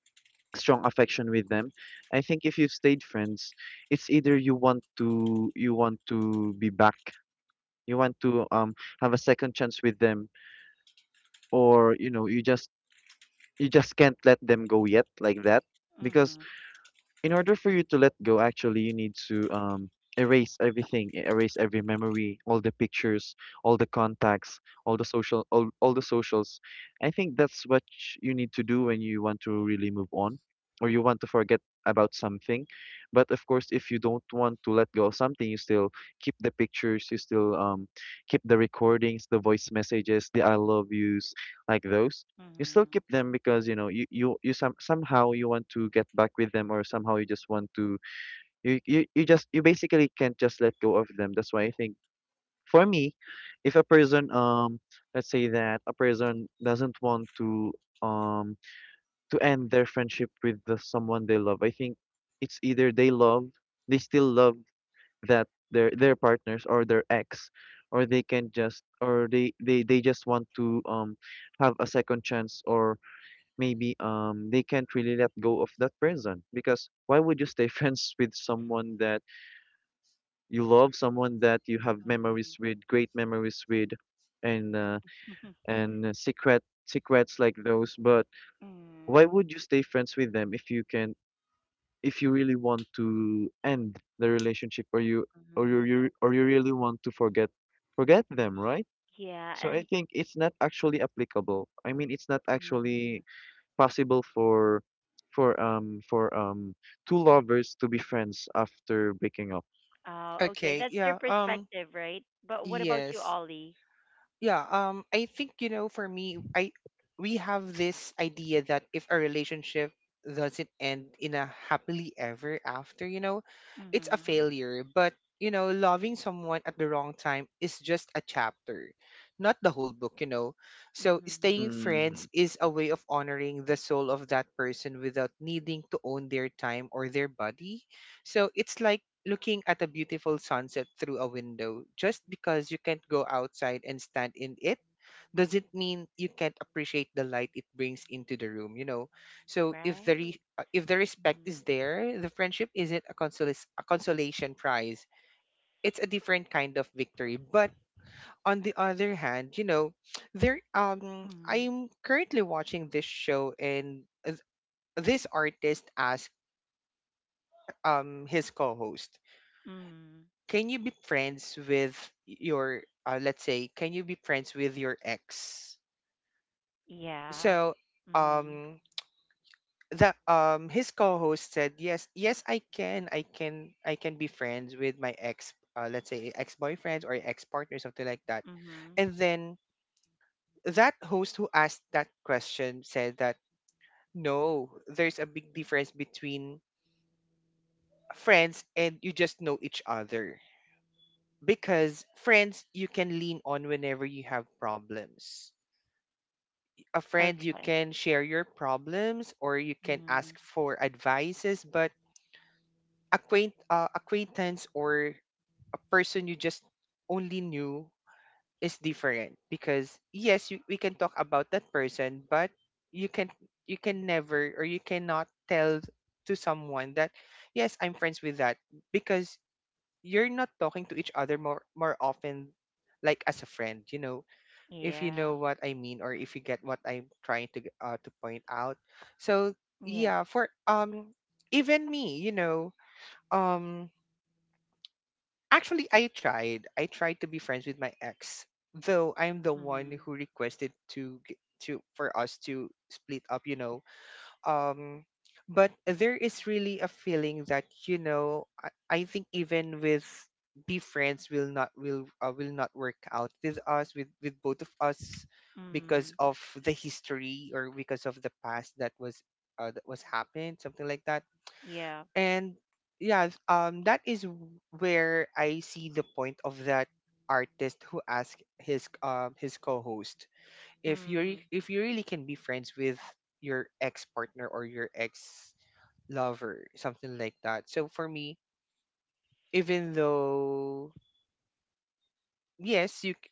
[SPEAKER 2] strong affection with them, I think if you've stayed friends, it's either you want to be back, you want to have a second chance with them, or you know you just can't let them go yet like that. Because
[SPEAKER 1] Mm-hmm.
[SPEAKER 2] in order for you to let go, actually, you need to erase everything, erase every memory, all the pictures, all the contacts, all the social, all the socials. I think that's what you need to do when you want to really move on, or you want to forget about something. But of course, if you don't want to let go of something, you still keep the pictures, you still keep the recordings, the voice messages, the I love yous, like those. You still
[SPEAKER 1] Mm-hmm.
[SPEAKER 2] keep them because you know somehow you want to get back with them, or somehow you just want to you basically can't just let go of them. That's why I think, for me, if a person let's say that a person doesn't want um to end their friendship with the someone they love, I think it's either they love they still love that their partners or their ex, or they can just, or they just want to have a second chance, or maybe they can't really let go of that person. Because why would you stay friends with someone that you love, someone that you have memories with, great memories with, and uh,
[SPEAKER 1] Mm-hmm.
[SPEAKER 2] and secrets like those? But why
[SPEAKER 1] Mm-hmm.
[SPEAKER 2] would you stay friends with them if you can, if you really want to end the relationship, or you or
[SPEAKER 1] Mm-hmm.
[SPEAKER 2] or you really want to forget forget them, right?
[SPEAKER 1] Yeah,
[SPEAKER 2] So I
[SPEAKER 1] and.
[SPEAKER 2] think it's not actually applicable. I mean, it's not actually
[SPEAKER 1] Mhm.
[SPEAKER 2] possible for for two lovers to be friends after breaking up.
[SPEAKER 1] Oh, okay.
[SPEAKER 3] Okay,
[SPEAKER 1] That's their
[SPEAKER 3] yeah. Um,
[SPEAKER 1] perspective, right? But what about you,
[SPEAKER 3] yes.
[SPEAKER 1] Ollie?
[SPEAKER 3] Yeah, I think, you know, for me, I we have this idea that if a relationship doesn't end in a happily ever after, you know, it's a
[SPEAKER 1] Mhm.
[SPEAKER 3] failure. But you know, loving someone at the wrong time is just a chapter, not the whole book, you know. So staying
[SPEAKER 1] Mhm.
[SPEAKER 2] Mm-hmm.
[SPEAKER 3] friends is a way of honoring the soul of that person without needing to own their time or their body. So it's like looking at a beautiful sunset through a window. Just because you can't go outside and stand in it, does it mean you can't appreciate the light it brings into the room, you know? So if
[SPEAKER 1] Right.
[SPEAKER 3] if the respect
[SPEAKER 1] Mhm.
[SPEAKER 3] is there, the friendship isn't a consolation prize. It's a different kind of victory. But on the other hand, you know, there, um,
[SPEAKER 1] Mhm.
[SPEAKER 3] I'm currently watching this show and, this artist asked, um, his co-host,
[SPEAKER 1] Mhm.
[SPEAKER 3] can you be friends with your, let's say, can you be friends with your ex?
[SPEAKER 1] Yeah.
[SPEAKER 3] So,
[SPEAKER 1] Mhm.
[SPEAKER 3] um, the his co-host said, yes, yes, I can, I can be friends with my ex, let's say ex-boyfriends or ex-partner, something like that.
[SPEAKER 1] Mhm.
[SPEAKER 3] And then that host who asked that question said that no, there's a big difference between friends and you just know each other. Because friends, you can lean on whenever you have problems. A friend you
[SPEAKER 1] Okay.
[SPEAKER 3] can share your problems or you can
[SPEAKER 1] Mhm.
[SPEAKER 3] ask for advices, but acquaintance or a person you just only knew is different because yes we can talk about that person, but you can you can never or you cannot tell to someone that yes I'm friends with that, because you're not talking to each other more often like as a friend, you know, if you
[SPEAKER 1] Yeah.
[SPEAKER 3] know what I mean or if you get what I'm trying to to point out. So
[SPEAKER 1] Yeah.
[SPEAKER 3] yeah, for even me, you know, um actually I tried. I tried to be friends with my ex, though I'm the one
[SPEAKER 1] Mhm.
[SPEAKER 3] who requested to g- to for us to split up, you know, um but there is really a feeling that, you know, I think even with be friends will not will not work out with us with both of us, because
[SPEAKER 1] Mhm.
[SPEAKER 3] of the history or because of the past that was happened, something like that.
[SPEAKER 1] Yeah.
[SPEAKER 3] And yeah, that is where I see the point of that artist who asked his co-host if you
[SPEAKER 1] Mhm.
[SPEAKER 3] if you really can be friends with your ex partner or your ex lover, something like that. So for me, even though yes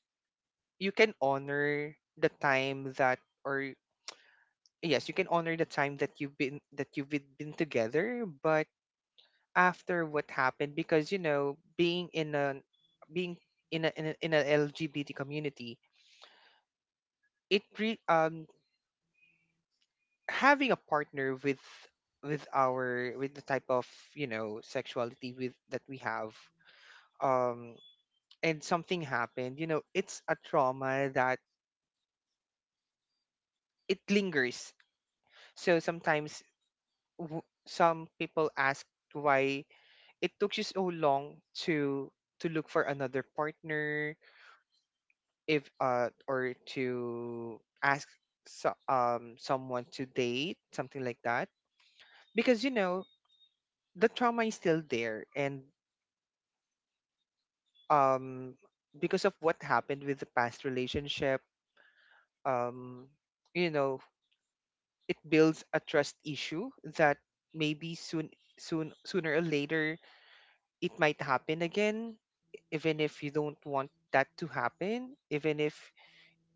[SPEAKER 3] you can honor the time that, or yes you can honor the time that you've been together, but after what happened, because, you know, being in a in a LGBT community, it re- um having a partner with our with the type of, you know, sexuality with that we have, um and something happened, you know, it's a trauma that it lingers. So sometimes some people ask why it took you so long to look for another partner, if or to ask so, someone to date, something like that. Because, you know, the trauma is still there, and um because of what happened with the past relationship, um you know, it builds a trust issue that maybe soon sooner or later it might happen again, even if you don't want that to happen, even if,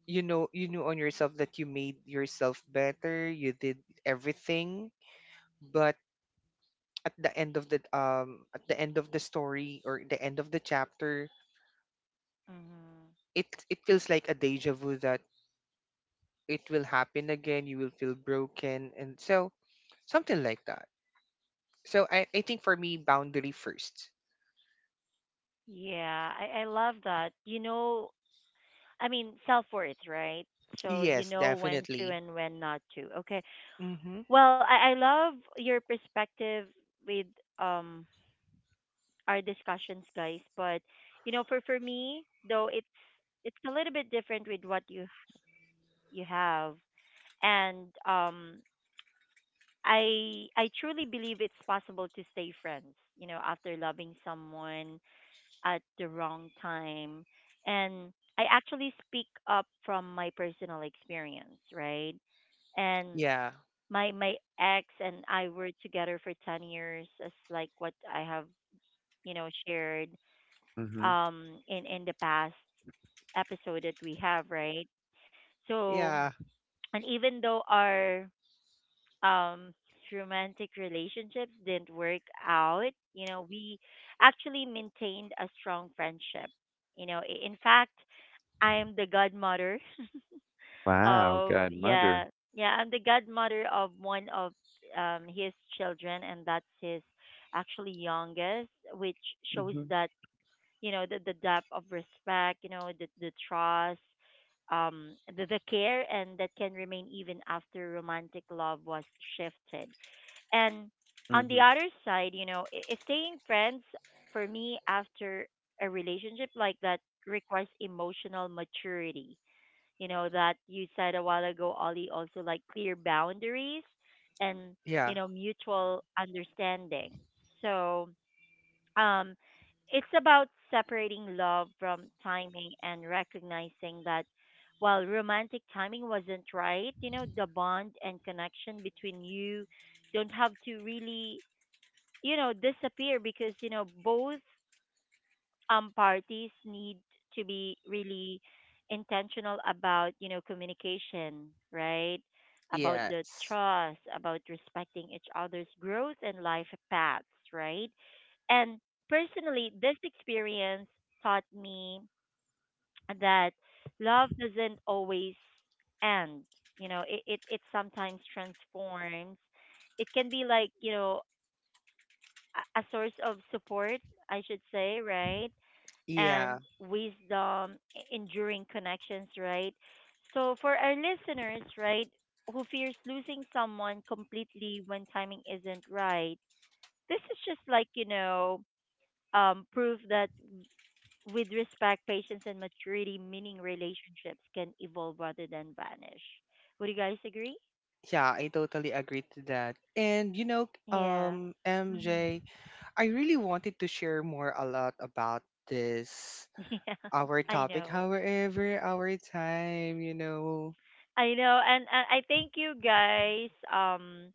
[SPEAKER 3] you know, you knew on yourself that you made yourself better, you did everything. But at the end of the at the end of the story or the end of the chapter,
[SPEAKER 1] Mhm.
[SPEAKER 3] it feels like a deja vu that it will happen again, you will feel broken and so, something like that. So I think for me, boundary first.
[SPEAKER 1] Yeah. I love that. You know, I mean, self-worth, right? So you
[SPEAKER 3] Yes,
[SPEAKER 1] know when to
[SPEAKER 3] definitely.
[SPEAKER 1] and when not to. Okay.
[SPEAKER 3] Mm-hmm.
[SPEAKER 1] Well, I love your perspective with um our discussions, guys. But you know, for me though, it's a little bit different with what you have, and I truly believe it's possible to stay friends. You know, after loving someone at the wrong time, and I actually speak up from my personal experience, right? And
[SPEAKER 3] Yeah,
[SPEAKER 1] my ex and I were together for 10 years as like what I have, you know, shared
[SPEAKER 2] Mm-hmm.
[SPEAKER 1] in the past episode that we have, right? So,
[SPEAKER 3] yeah,
[SPEAKER 1] and even though our um romantic relationships didn't work out, you know, we actually maintained a strong friendship. You know, in fact, I am the godmother
[SPEAKER 2] Wow,
[SPEAKER 1] of
[SPEAKER 2] godmother.
[SPEAKER 1] yeah. Yeah, I'm the godmother of one of his children and that's his actually youngest, which shows
[SPEAKER 2] Mm-hmm.
[SPEAKER 1] that you know the depth of respect, you know, the trust, um, the care, and that can remain even after romantic love was shifted. And on
[SPEAKER 2] Mm-hmm.
[SPEAKER 1] the other side, you know, staying friends for me after a relationship like that requires emotional maturity, you know, that you said a while ago, Ollie, also like clear boundaries and you
[SPEAKER 3] yeah,
[SPEAKER 1] know mutual understanding. So um it's about separating love from timing and recognizing that while romantic timing wasn't right, you know, the bond and connection between you don't have to really, you know, disappear because you know both parties need to be really intentional about you know communication, right? About the
[SPEAKER 3] yes,
[SPEAKER 1] trust, about respecting each other's growth and life paths, right? And personally this experience taught me that love doesn't always end. You know it sometimes transforms. It can be like you know a source of support, I should say, right? And
[SPEAKER 3] yeah,
[SPEAKER 1] wisdom, enduring connections, right? So for our listeners, right, who fears losing someone completely when timing isn't right, this is just like, you know, proof that with respect, patience, and maturity, meaning relationships can evolve rather than vanish. Would you guys agree?
[SPEAKER 3] yeah, I totally agree to that. And you know,
[SPEAKER 1] Yeah. Hmm.
[SPEAKER 3] MJ, I really wanted to share more a lot about this
[SPEAKER 1] Yeah,
[SPEAKER 3] our
[SPEAKER 1] I
[SPEAKER 3] topic,
[SPEAKER 1] know.
[SPEAKER 3] however our time, you know.
[SPEAKER 1] I know, and I thank you guys.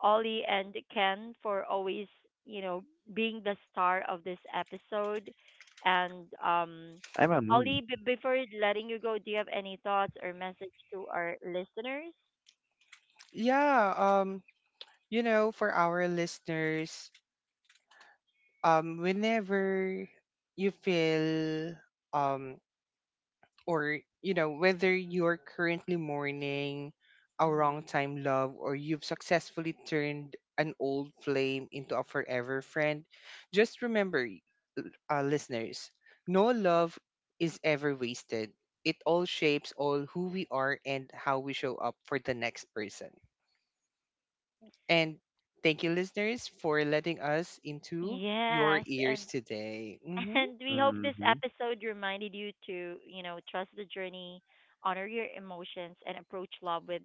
[SPEAKER 1] Ollie and Ken for always, you know, being the star of this episode. And
[SPEAKER 2] I'm a moon.
[SPEAKER 1] Ollie, before letting you go, do you have any thoughts or message to our listeners?
[SPEAKER 3] Yeah, you know, for our listeners, whenever you feel, um or you know, whether you're currently mourning a wrong
[SPEAKER 1] Mm-hmm.
[SPEAKER 3] time love or you've successfully turned an old flame into a forever friend, just remember, listeners, no love is ever wasted. It all shapes all who we are and how we show up for the next person. And thank you, listeners, for letting us into your
[SPEAKER 1] Yes,
[SPEAKER 3] ears
[SPEAKER 1] and
[SPEAKER 3] today. Hmm.
[SPEAKER 1] and we hope this
[SPEAKER 2] Mm-hmm.
[SPEAKER 1] episode reminded you to, you know, trust the journey, honor your emotions, and approach love with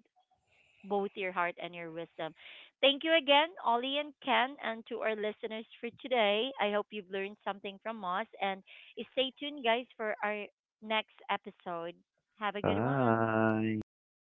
[SPEAKER 1] both your heart and your wisdom. Thank you again, Ollie and Ken, and to our listeners for today. I hope you've learned something from us, and stay tuned, guys, for our next episode. Have a good one.
[SPEAKER 2] Bye.
[SPEAKER 3] Thank you.